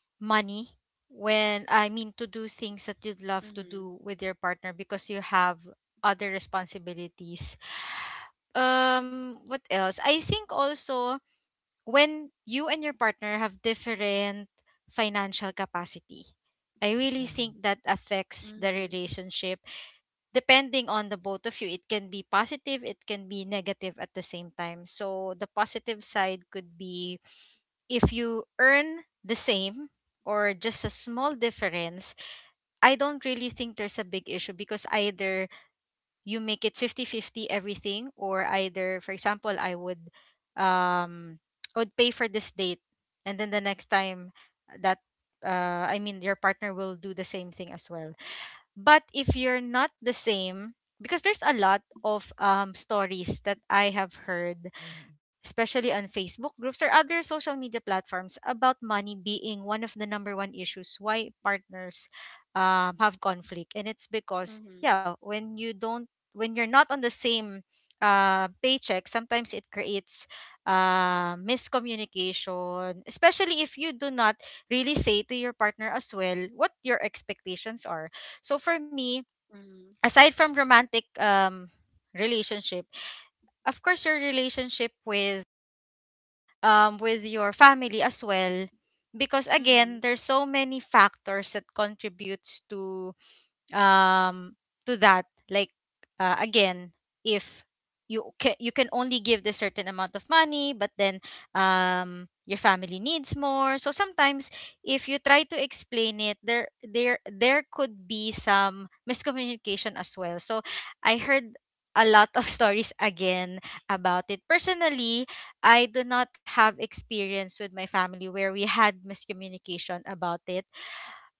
Speaker 2: money when, I mean, to do things that you'd love to
Speaker 1: Mm-hmm.
Speaker 2: do with your partner because you have other responsibilities. What else? I think also when you and your partner have different financial capacity. I really
Speaker 3: Mm,
Speaker 2: think that affects the
Speaker 1: Mm-hmm.
Speaker 2: relationship. Depending on the both of you, it can be positive, it can be negative at the same time. So, the positive side could be if you earn the same or just a small difference, I don't really think there's a big issue because either you make it fifty-fifty everything, or either, for example, um I would pay for this date and then the next time that I mean your partner will do the same thing as well. But if you're not the same, because there's a lot of stories that I have heard,
Speaker 3: mhm.
Speaker 2: especially on Facebook groups or other social media platforms, about money being one of the number one issues why partners have conflict. And it's because,
Speaker 1: Mm-hmm.
Speaker 2: yeah, when you don't, when you're not on the same paycheck, sometimes it creates miscommunication, especially if you do not really say to your partner as well what your expectations are. So for me,
Speaker 1: Mm-hmm.
Speaker 2: aside from romantic relationship, of course, your relationship with your family as well, because again
Speaker 1: Mm-hmm.
Speaker 2: there's so many factors that contributes um to that, like again, if you can, you can only give this certain amount of money but then your family needs more, so sometimes if you try to explain it, there could be some miscommunication as well. So I heard a lot of stories again about it. Personally, I do not have experience with my family where we had miscommunication about it,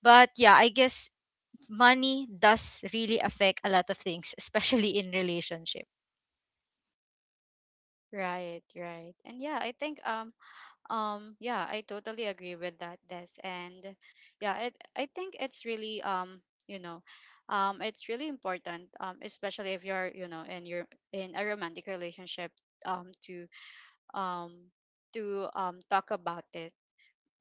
Speaker 2: but yeah I guess money does really affect a lot of things, especially in relationship.
Speaker 1: Right, right. And yeah, I think, yeah, I totally agree with that, Des. And yeah, it I think it's really, you know, it's really important, especially if you're, you know, in your, in a romantic relationship, to, um talk about it.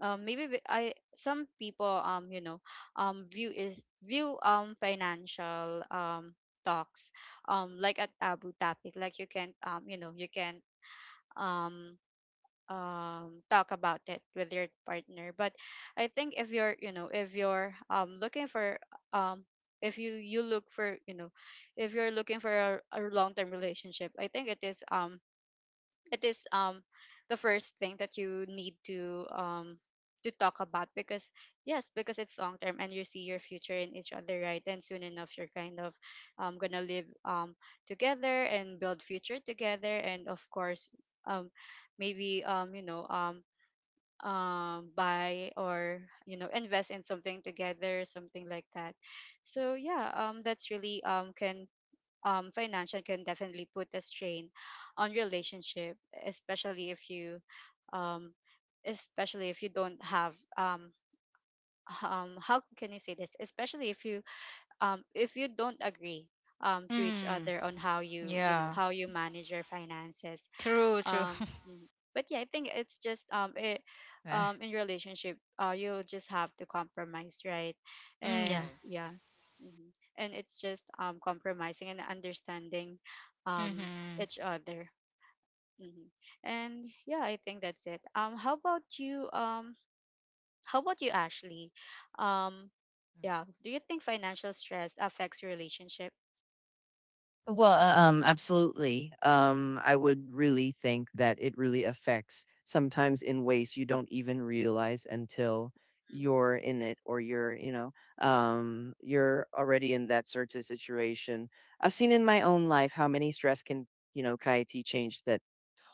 Speaker 1: Maybe, we- I some people, you know, view, financial, talks, like a taboo topic, like you can't, you know, you can't, um talk about it with your partner. But I think if you're, you know, if you're, looking for, um if you you look for you know if you're looking for a long-term relationship, I think it is, it is, the first thing that you need to, to talk about, because yes, because it's long term, and you see your future in each other, right? And soon enough, you're kind of, gonna live, together, and build future together. And of course, um maybe, you know, buy, or, you know, invest in something together, something like that. So yeah, that's really, can financial can definitely put a strain on relationship, especially if you, um, especially if you don't have, how can you say this? Especially if you, if you don't agree, to each
Speaker 2: Mm,
Speaker 1: other on how you, you know,
Speaker 2: yeah.
Speaker 1: how you manage your finances.
Speaker 2: True, true.
Speaker 1: Mhm. But yeah, I think it's just, it
Speaker 3: Right,
Speaker 1: in relationship, you just have to compromise, right?
Speaker 2: Mm, yeah.
Speaker 1: And
Speaker 3: right.
Speaker 1: yeah. Mhm. And it's just, compromising and understanding, um
Speaker 2: Mm-hmm.
Speaker 1: each other. Hmm. And yeah, I think that's it. How about you, Ashley? um
Speaker 3: Mm.
Speaker 1: yeah, do you think financial stress affects relationship?
Speaker 3: Well, absolutely. I would really think that it really affects sometimes in ways you don't even realize until you're in it, or you're, you know, you're already in that sort of situation. I've seen in my own life how many stress can, you know, KIT change that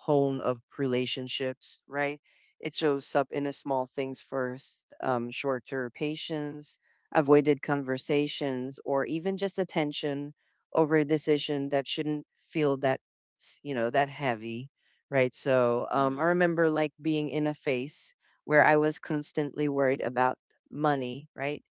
Speaker 3: tone of relationships, right? It shows up in the small things first: shorter patience, avoided conversations, or even just attention over a decision that shouldn't feel that, you know, that heavy, right? So, I
Speaker 1: Mm-hmm.
Speaker 3: remember like being in a phase where I was constantly worried about money, right?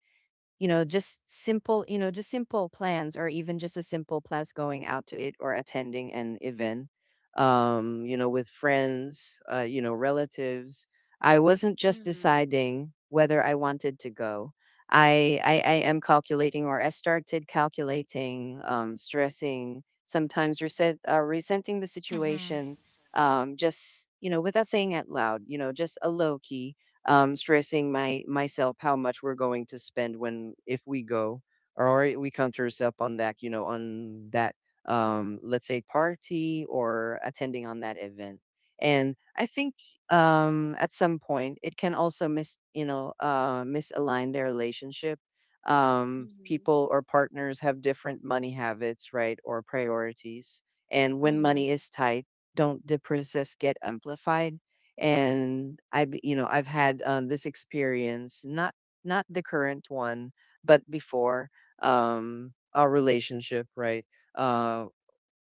Speaker 3: You know, just simple, you know, just simple plans, or even just a simple plans going out to it or attending an event, you know, with friends, you know, relatives. I wasn't just
Speaker 1: Mm-hmm.
Speaker 3: deciding whether I wanted to go. I am calculating, or I started calculating, stressing, sometimes resent, resenting the
Speaker 2: Mm-hmm.
Speaker 3: situation, just you know, without saying out loud, you know, just a low key, stressing my myself how much we're going to spend when, if we go, or we count ourselves on that, you know, on that, let's say party or attending on that event. And I think, at some point it can also mis, you know, misalign their relationship.
Speaker 1: Mm-hmm.
Speaker 3: People or partners have different money habits, right, or priorities, and when
Speaker 1: Mm-hmm.
Speaker 3: money is tight, don't the process get amplified. And I've, you know, I've had, this experience, not not the current one, but before, our relationship, right? uh,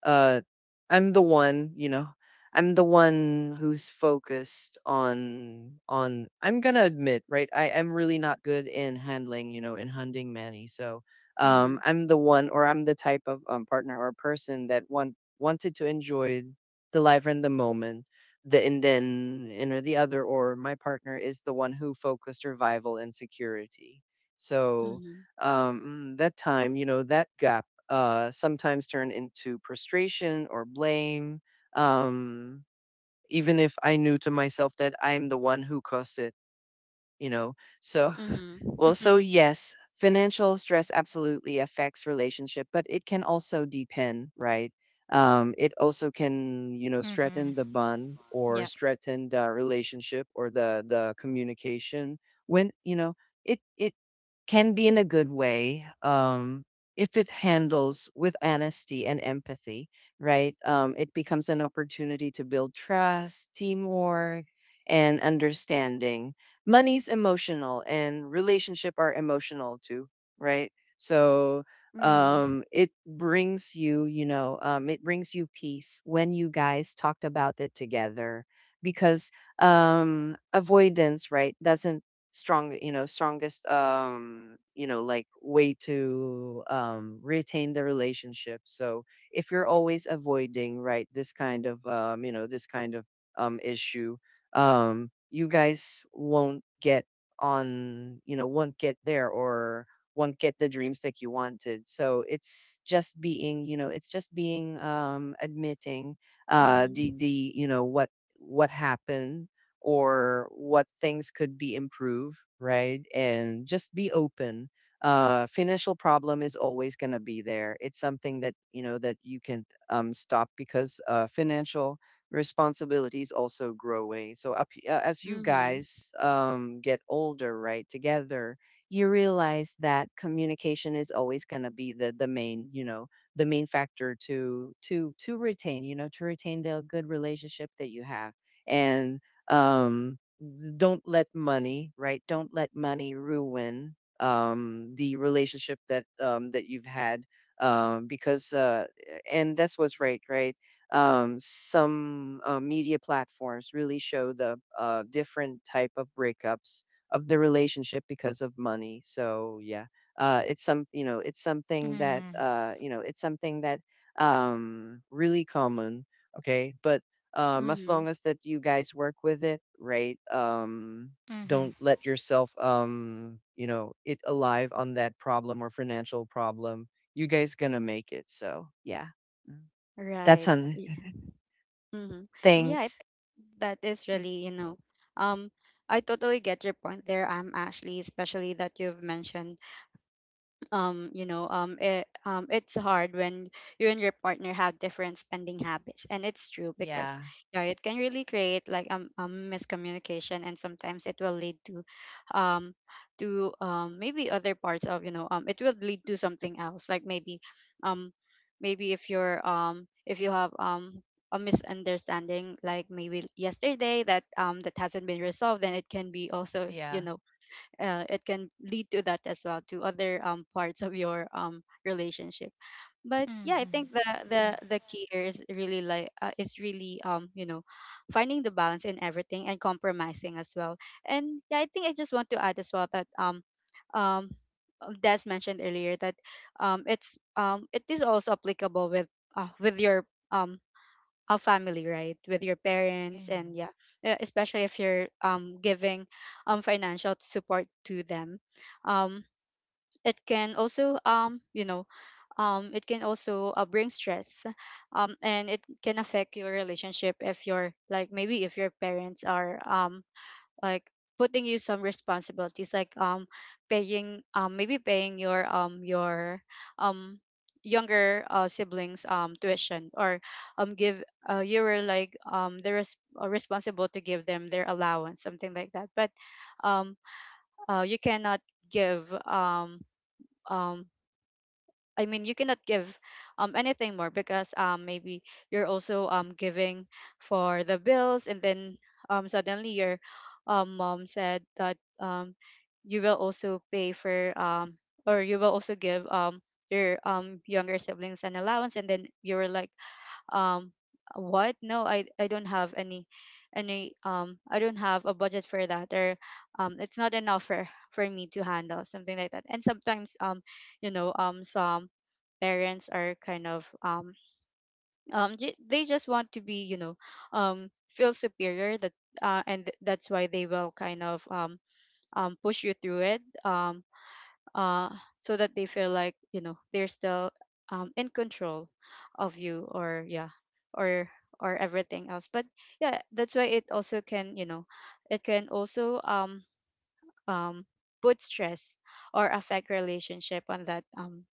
Speaker 3: uh I'm the one, you know, I'm the one who's focused on, I'm gonna admit, right, I am really not good in handling, you know, in hunting manny. So,
Speaker 1: Mm-hmm.
Speaker 3: I'm the one, or I'm the type of, partner or person that wanted to enjoy the life and the moment. The and then and Or the other, or my partner is the one who focused survival and security. So,
Speaker 1: Mm-hmm.
Speaker 3: that time, you know, that gap, sometimes turn into frustration or blame, um, even if I knew to myself that I'm the one who caused it, you know. So,
Speaker 1: Mm-hmm.
Speaker 3: well, so yes, financial stress absolutely affects relationship, but it can also depend, right? It also can, you know, strengthen
Speaker 2: Mm-hmm.
Speaker 3: the bond, or
Speaker 2: Yeah.
Speaker 3: strengthen the relationship, or the communication. When you know it it can be in a good way, if it handles with honesty and empathy, right? It becomes an opportunity to build trust, teamwork, and understanding. Money's emotional, and relationship are emotional too, right? So,
Speaker 1: Mhm,
Speaker 3: it brings you, you know, it brings you peace when you guys talked about it together. Because avoidance, right, doesn't strong, you know, strongest, you know, like, way to, retain the relationship. So if you're always avoiding, right, this kind of, you know, this kind of, issue, you guys won't get on, you know, won't get there, or won't get the dreams that you wanted. So it's just being, you know, it's just being, admitting,
Speaker 1: mhm,
Speaker 3: the you know what happened, or what things could be improved, right? And just be open. Financial problem is always going to be there. It's something that, you know, that you can, stop, because financial responsibilities also grow. Growing. So up, as you
Speaker 1: mhm,
Speaker 3: guys, get older, right, together, you realize that communication is always going to be the main, you know, the main factor to retain, you know, to retain the good relationship that you have. And, um, don't let money, right? Don't let money ruin, the relationship that, that you've had, because and that's what's right, right? Some media platforms really show the different type of breakups of the relationship because of money. So yeah, it's some, you know, it's something that
Speaker 2: Mm-hmm.
Speaker 3: you know, it's something that, really common. Okay, but as
Speaker 1: mhm.
Speaker 3: long as that you guys work with it, right, don't
Speaker 2: Mm-hmm.
Speaker 3: let yourself, you know, it alive on that problem or financial problem, you guys gonna make it. So yeah. Mm. That's
Speaker 1: Right.
Speaker 3: on
Speaker 1: Yeah. Mhm. And yeah, I
Speaker 3: things.
Speaker 1: think that is really, um, I totally get your point there, Ashley, especially that you've mentioned it it's hard when you and your partner have different spending habits. And it's true because
Speaker 3: Yeah.
Speaker 1: yeah, it can really create like, a miscommunication. And sometimes it will lead to, um to maybe other parts of, it will lead to something else. Like maybe, um maybe if you're, if you have a misunderstanding, like maybe yesterday that that hasn't been resolved, then it can be also, you
Speaker 3: Yeah.
Speaker 1: know, it can lead to that as well, to other, parts of your, relationship. But yeah, I think the
Speaker 2: Mm-hmm.
Speaker 1: the
Speaker 2: Yeah.
Speaker 1: the key here is really like, is really, you know, finding the balance in everything, and compromising as well. And yeah, I think I just want to add as well that um Des mentioned earlier that it's, it is also applicable with, your um a family, right, with your parents.
Speaker 3: Mm.
Speaker 1: And yeah, especially if you're giving financial support to them. um it can also, it can also, bring stress. And it can affect your relationship if you're like, maybe if your parents are, like, putting you some responsibilities, like paying, maybe paying your um younger, siblings tuition, or give, you were like the responsible to give them their allowance, something like that. But um you cannot give um I mean, you cannot give anything more, because maybe you're also giving for the bills. And then suddenly your mom said that you will also pay for, or you will also give your younger siblings an allowance. And then you were like, um what? No, I don't have any, I don't have a budget for that. Or it's not enough for me to handle something like that. And sometimes, some parents are kind of, they just want to be, you know, feel superior. That, and that's why they will kind of, push you through it. Uh so that they feel like, you know, they're still, in control of you. Or yeah, or everything else. But yeah, that's why it also can, you know, it can also, um put stress or affect relationship on that, um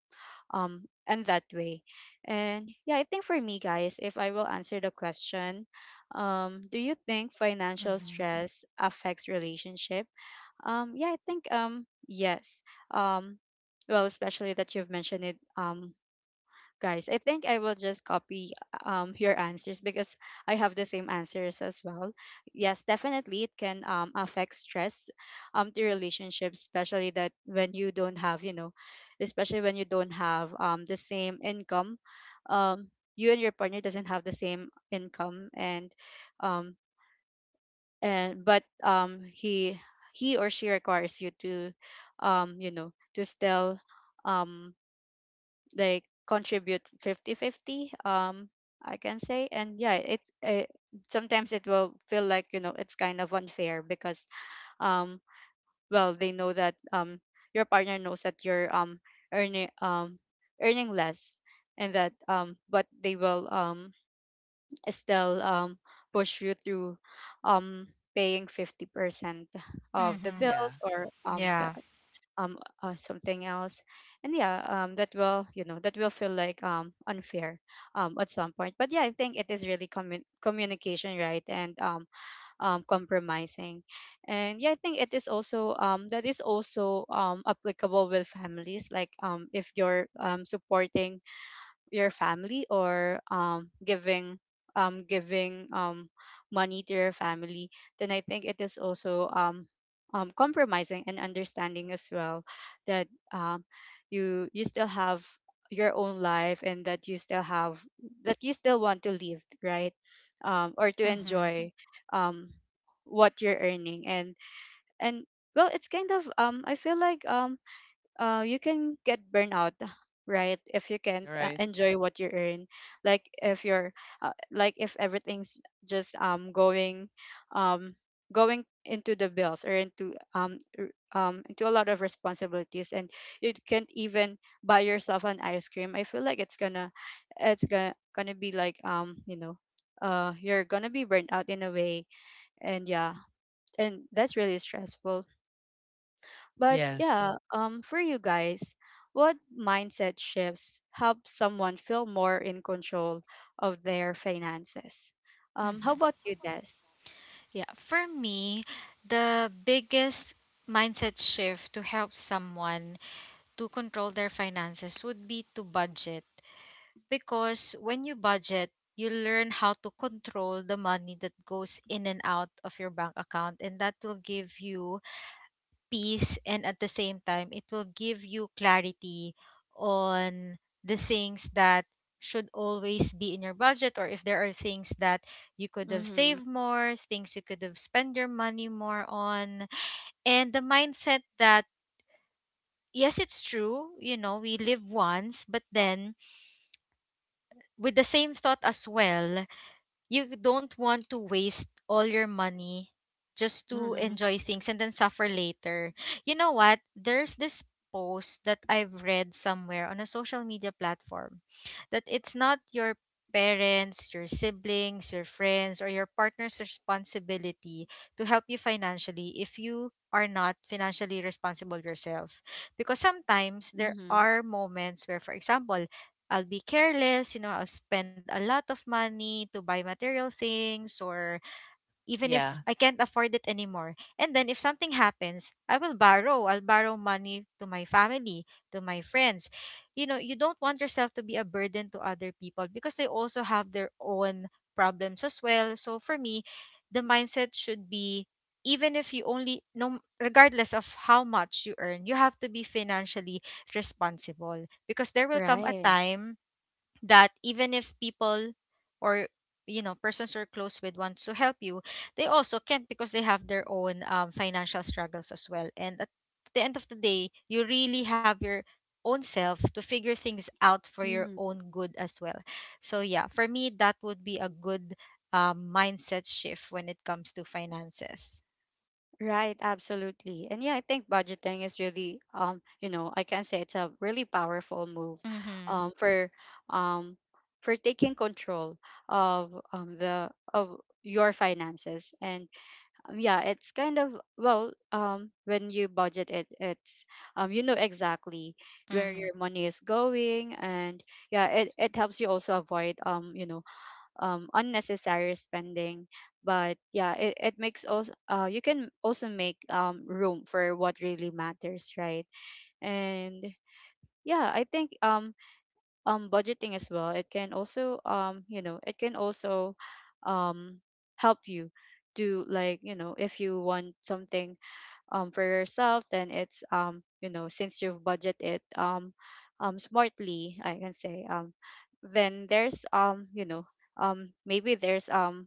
Speaker 1: um and that way. And yeah, I think for me, guys, if I will answer the question, do you think financial
Speaker 2: Mm-hmm.
Speaker 1: stress affects relationship? Yeah, I think, yes. um well, especially that you've mentioned it, guys. I think I will just copy your answers, because I have the same answers as well. Yes, definitely it can affect stress to relationships, especially that when you don't have, you know, especially when you don't have the same income. Um you and your partner doesn't have the same income. And um and but, he or she requires you to, you know, to still, um like, contribute fifty-fifty. I can say. And yeah, it's, sometimes it will feel like, you know, it's kind of unfair, because um well, they know that, your partner knows that you're, earning um earning less. And that, but they will, still, push you through um paying 50% of the
Speaker 3: Yeah.
Speaker 1: bills,
Speaker 2: Mm-hmm.
Speaker 1: or the,
Speaker 2: Yeah.
Speaker 1: something else. And yeah, that will, you know, that will feel like unfair at some point. But yeah, I think it is really communication, right? And compromising. And yeah, I think it is also, that is also applicable with families, like if you're supporting your family, or giving money to your family. Then I think it is also, compromising and understanding as well, that um you still have your own life, and that you still have, that you still want to live, right? Or to
Speaker 2: Mm-hmm.
Speaker 1: enjoy um what you're earning. And well, it's kind of, I feel like, you can get burnout, right, if you can't,
Speaker 3: You're right.
Speaker 1: enjoy what you earn. Like if you're, like if everything's just um going into the bills, or into into a lot of responsibilities, and you can't even buy yourself an ice cream, I feel like it's gonna, it's gonna be like, you know, you're gonna be burnt out in a way. And yeah, and that's really stressful. But
Speaker 3: Yes.
Speaker 1: yeah, for you guys, what mindset shifts help someone feel more in control of their finances? How
Speaker 2: Mm-hmm.
Speaker 1: about you, Des?
Speaker 2: Yeah, for me, the biggest mindset shift to help someone to control their finances would be to budget. Because when you budget, you learn how to control the money that goes in and out of your bank account, and that will give you peace. And at the same time, it will give you clarity on the things that should always be in your budget, or if there are things that you could have
Speaker 1: Mm-hmm.
Speaker 2: saved more, things you could have spent your money more on, and the mindset that. Yes, it's true, you know, we live once, but then with the same thought as well, you don't want to waste all your money just to
Speaker 1: Mm-hmm.
Speaker 2: enjoy things and then suffer later. You know what? There's this post that I've read somewhere on a social media platform, that it's not your parents, your siblings, your friends, or your partner's responsibility to help you financially if you are not financially responsible yourself. Because sometimes there
Speaker 1: Mm-hmm.
Speaker 2: are moments where, for example, I'll be careless, you know, I'll spend a lot of money to buy material things or even if
Speaker 3: Yeah.
Speaker 2: I can't afford it anymore. And then if something happens, I will borrow. I'll borrow money to my family, to my friends. You know, you don't want yourself to be a burden to other people because they also have their own problems as well. So for me, the mindset should be, even if you only, no, regardless of how much you earn, you have to be financially responsible, because there will come a
Speaker 1: Right.
Speaker 2: time that even if people, or you know, persons you're close with wants to help you, they also can't because they have their own financial struggles as well. And at the end of the day, you really have your own self to figure things out for your
Speaker 1: Mm-hmm.
Speaker 2: own good as well. So yeah, for me that would be a good mindset shift when it comes to finances.
Speaker 1: Right. Absolutely. And yeah, I think budgeting is really, you know, I can say it's a really powerful move,
Speaker 2: Mm-hmm.
Speaker 1: um, for, um, for taking control of your finances. And, yeah, it's kind of, well, when you budget it, it's, you know, exactly where
Speaker 2: Mm-hmm.
Speaker 1: your money is going. And yeah, it helps you also avoid, unnecessary spending. But yeah, it makes also, you can also make room for what really matters, right? And yeah, I think, budgeting as well, it can also, you know, it can also um help you, to, like, you know, if you want something for yourself, then it's, you know, since you've budget it, smartly, I can say. Then there's, maybe there's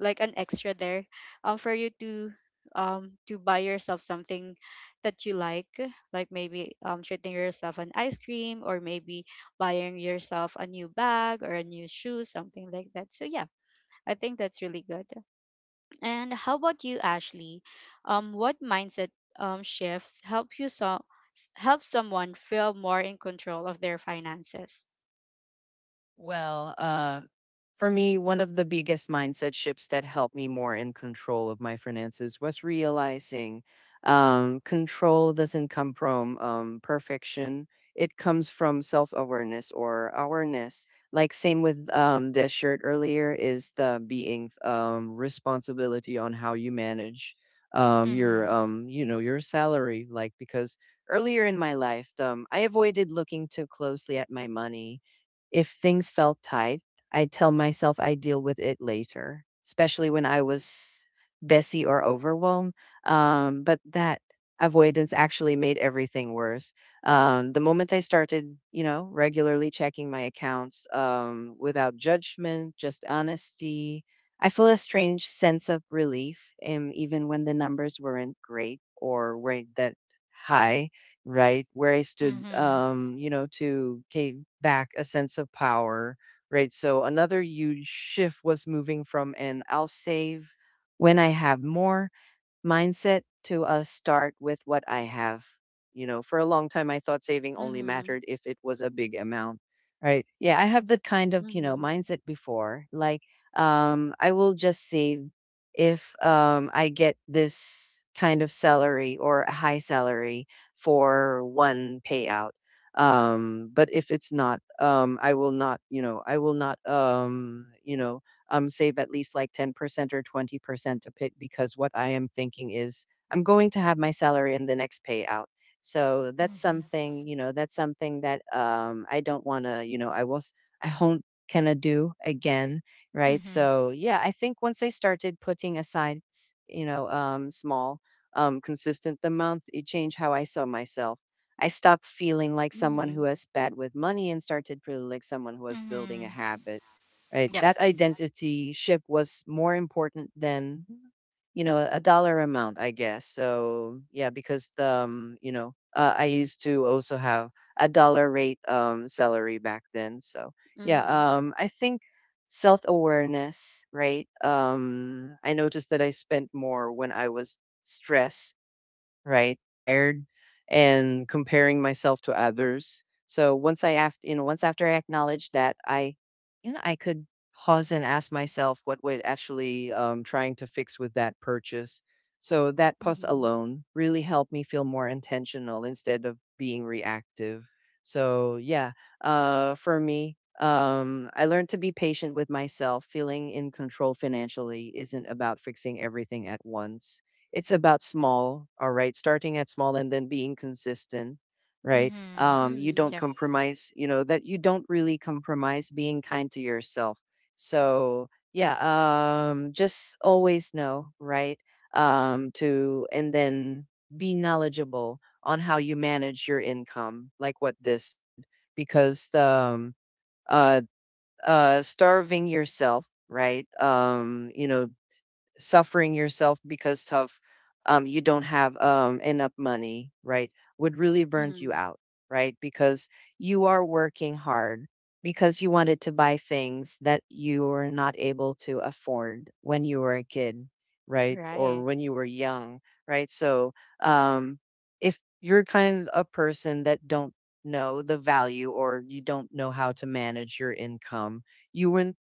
Speaker 1: like an extra there for you to, to buy yourself something that you like. Like maybe treating yourself an ice cream, or maybe buying yourself a new bag or a new shoe, something like that. So yeah, I think that's really good. And how about you, Ashley? What mindset shifts help you, so help someone feel more in control of their finances?
Speaker 3: Well, for me, one of the biggest mindset shifts that helped me more in control of my finances was realizing, control doesn't come from, perfection. It comes from self awareness, or awareness. Like, same with, this shirt earlier, is the being, responsibility on how you manage, your,
Speaker 2: Mm-hmm.
Speaker 3: your salary, like, because earlier in my life, I avoided looking too closely at my money. If things felt tight, I tell myself I deal with it later, especially when I was busy or overwhelmed. But that avoidance actually made everything worse. The moment I started, you know, regularly checking my accounts, without judgment, just honesty, I feel a strange sense of relief. And even when the numbers weren't great, or weren't that high, right where I stood,
Speaker 2: Mm-hmm.
Speaker 3: you know, to take back a sense of power. Right. So another huge shift was moving from an I'll save when I have more mindset, to us start with what I have. You know, for a long time, I thought saving only
Speaker 1: Mm-hmm.
Speaker 3: mattered if it was a big amount, right? Yeah, I have that kind of, you know,
Speaker 1: Mm-hmm.
Speaker 3: mindset before. I will just save if I get this kind of salary or a high salary for one payout. But if it's not, I will not, I will not, save at least like 10% or 20% to pit, because what I am thinking is I'm going to have my salary in the next payout. So that's
Speaker 2: Mm-hmm.
Speaker 3: something, that's something that I don't want to, I will, I won't kind of do again, right?
Speaker 2: Mm-hmm.
Speaker 3: So yeah, I think once I started putting aside, small, consistent amount, it changed how I saw myself. I stopped feeling like someone who
Speaker 1: Mm-hmm.
Speaker 3: was bad with money and started feeling like someone who was building a
Speaker 2: Mm-hmm.
Speaker 3: habit, right?
Speaker 2: Yep.
Speaker 3: That identity ship was more important than, a dollar amount, I guess. So yeah, because I used to also have a dollar rate salary back then. So yeah,
Speaker 1: Mm-hmm.
Speaker 3: I think self awareness, right? I noticed that I spent more when I was stressed, right? Tired and comparing myself to others. So once I after you know once after I acknowledge that, I I could pause and ask myself what we're actually trying to fix with that purchase. So that pause
Speaker 1: Mm-hmm.
Speaker 3: alone really helped me feel more intentional instead of being reactive. So yeah, for me, I learned to be patient with myself. Feeling in control financially isn't about fixing everything at once, it's about small, all right, starting at small and then being consistent,
Speaker 2: Mm-hmm.
Speaker 3: right?
Speaker 2: Yep.
Speaker 3: You
Speaker 1: Mm-hmm.
Speaker 3: don't compromise, that you don't really compromise being kind to yourself. So, yeah, just always know, right? To and then be knowledgeable on how you manage your income, like what this did, because uh, starving yourself, right? Suffering yourself because of, you don't have enough money, right, would really burn you
Speaker 1: Mm-hmm.
Speaker 3: out, right? Because you are working hard because you wanted to buy things that you were not able to afford when you were a kid, right, or
Speaker 1: Right.
Speaker 3: when you were young, right? So um, if you're kind of a person that don't know the value, or you don't know how to manage your income, you will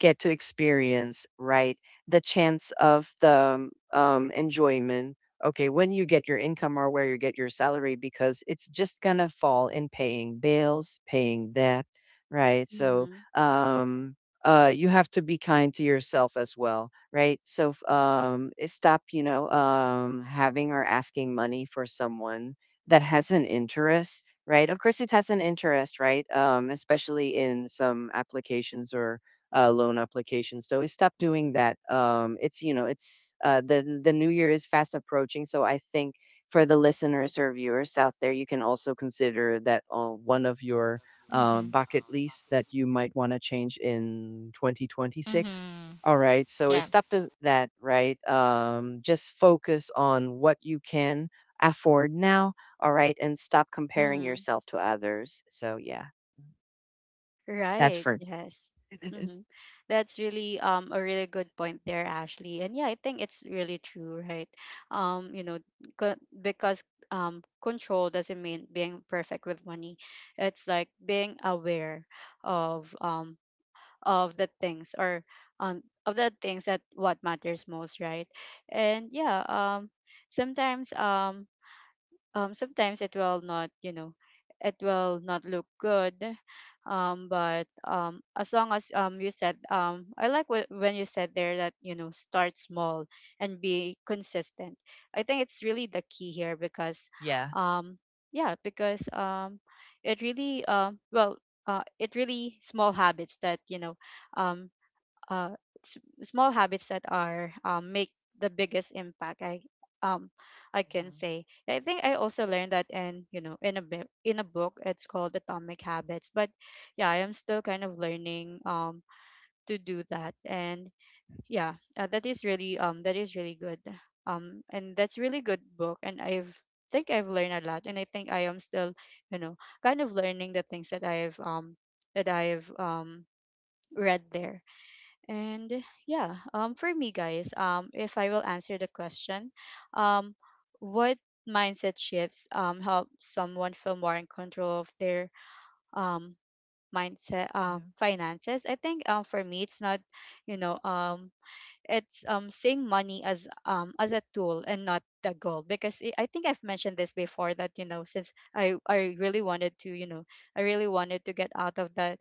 Speaker 3: get to experience, right? The chance of the enjoyment, okay, when you get your income or where you get your salary, because it's just going to fall in paying bills, paying debt, right? So,
Speaker 1: Mm-hmm.
Speaker 3: um, you have to be kind to yourself as well, right? So, stop, having or asking money for someone that has an interest, right? Of course, it has an interest, right? Especially in some applications or loan applications. So I stopped doing that. It's it's uh, the new year is fast approaching, so I think for the listeners or viewers out there, you can also consider that one of your
Speaker 2: Mm-hmm.
Speaker 3: bucket lists that you might want to change in 2026.
Speaker 2: Mm-hmm.
Speaker 3: All right, so
Speaker 2: Yeah.
Speaker 3: it's up to that, right? Just focus on what you can afford now. All right, and stop comparing
Speaker 1: Mm-hmm.
Speaker 3: yourself to others. So yeah, that's
Speaker 1: Right.
Speaker 3: for
Speaker 1: Yes. Mm-hmm. That's really, a really good point there, Ashley. And yeah, I think it's really true, right? Um, you know, because control doesn't mean being perfect with money. It's like being aware of, of the things, or, of the things that, what matters most, right? And yeah, sometimes um sometimes it will not, you know, it will not look good. But, as long as, you said, I like when you said there that, you know, start small and be consistent. I think it's really the key here, because,
Speaker 3: yeah.
Speaker 1: um, yeah, because, it really, it really, small habits that, you know, um, uh, s- small habits that are, make the biggest impact. I um i can say. I think I also learned that in, you know, in a in a book, it's called Atomic Habits. But yeah, I am still kind of learning, to do that. And yeah, that is really, that is really good, and that's really good book. And I've think I've learned a lot. And I think I am still, you know, kind of learning the things that I've read there. And yeah, for me, guys, if I will answer the question, um, what mindset shifts, help someone feel more in control of their, um, mindset
Speaker 3: Yeah.
Speaker 1: finances? I think, for me, it's not, you know, it's, seeing money as, as a tool and not the goal. Because I think I've mentioned this before, that, you know, since I really wanted to, you know, I really wanted to get out of the,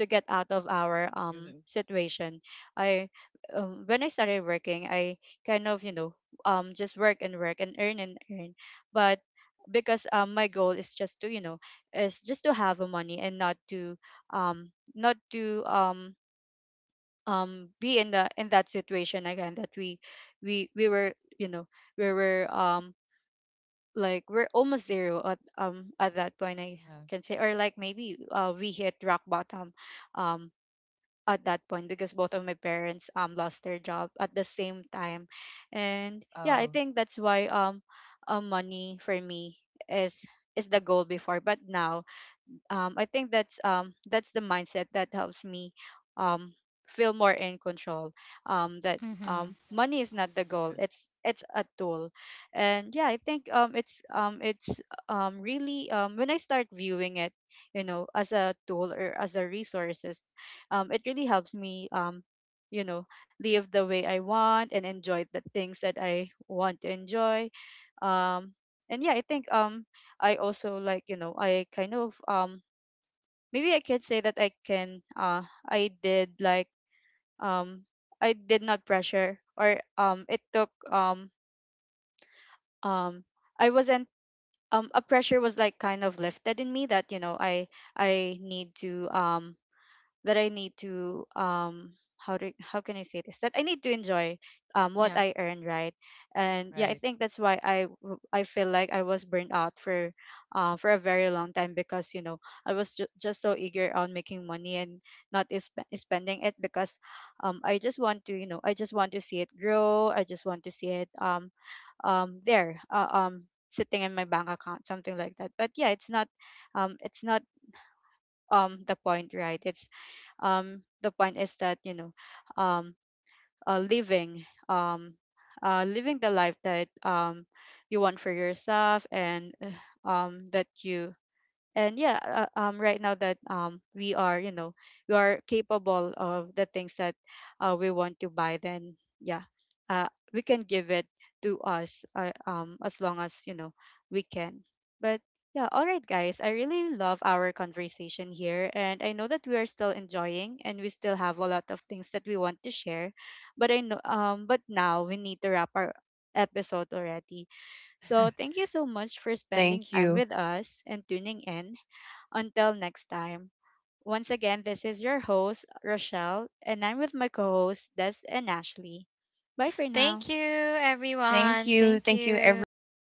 Speaker 1: to get out of our
Speaker 3: Yeah.
Speaker 1: situation. I When I started working, I kind of, you know, just work and work, and earn and earn. But because my goal is just to, you know, is just to have a money, and not to, um not to um be in the, in that situation again, that we were, you know, we were, like, we're almost zero at, at that point. I
Speaker 3: Oh,
Speaker 1: can say, or like maybe, we hit rock bottom um at that point, because both of my parents lost their job at the same time. And yeah, I
Speaker 3: oh,
Speaker 1: think that's why, money for me, is is the goal before. But now, I think that's, that's the mindset that helps me, um, feel more in control. That,
Speaker 2: Mm-hmm.
Speaker 1: money is not the goal;
Speaker 3: okay.
Speaker 1: it's a tool. And yeah, I think, it's really, when I start viewing it, you know, as a tool or as a resources, it really helps me. You know, Live the way I want, and enjoy the things that I want to enjoy. Um, and yeah, I think, I also, like, you know, I kind of, maybe I could say that I can, I did like, um I did not pressure or, it took, um I wasn't, a pressure was, like, kind of lifted in me, that, you know, I need to, that I need to, how do, how can I say this, that I need to enjoy,
Speaker 2: Yeah.
Speaker 1: what I earn, right? And yeah, I
Speaker 3: Right.
Speaker 1: think that's why I I feel like I was burned out for, for a very long time, because, you know, I was just so eager on making money, and not spending it. Because I just want to, you know, I just want to see it grow, I just want to see it, there sitting in my bank account, something like that. But yeah, it's not, um it's not the point, right? It's, the point is that, you know, um uh, living um living the life that you want for yourself. And that you, and yeah, right now that we are, you know, we are capable of the things that, we want to buy. Then yeah, we can give it to us, as long as, you know, we can. But yeah, all right, guys, I really love our conversation here, and I know that we are still enjoying, and we still have a lot of things that we want to share. But I know, but now we need to wrap our episode already. So thank you so much for spending
Speaker 3: Thank
Speaker 1: time
Speaker 3: you.
Speaker 1: with us and tuning in. Until next time, once again, this is your host, Rochelle, and I'm with my co hosts, Des and Ashley. Bye for
Speaker 2: Thank you,
Speaker 1: now.
Speaker 2: everyone.
Speaker 3: Thank you.
Speaker 2: Thank
Speaker 3: Thank you,
Speaker 2: you.
Speaker 3: everyone.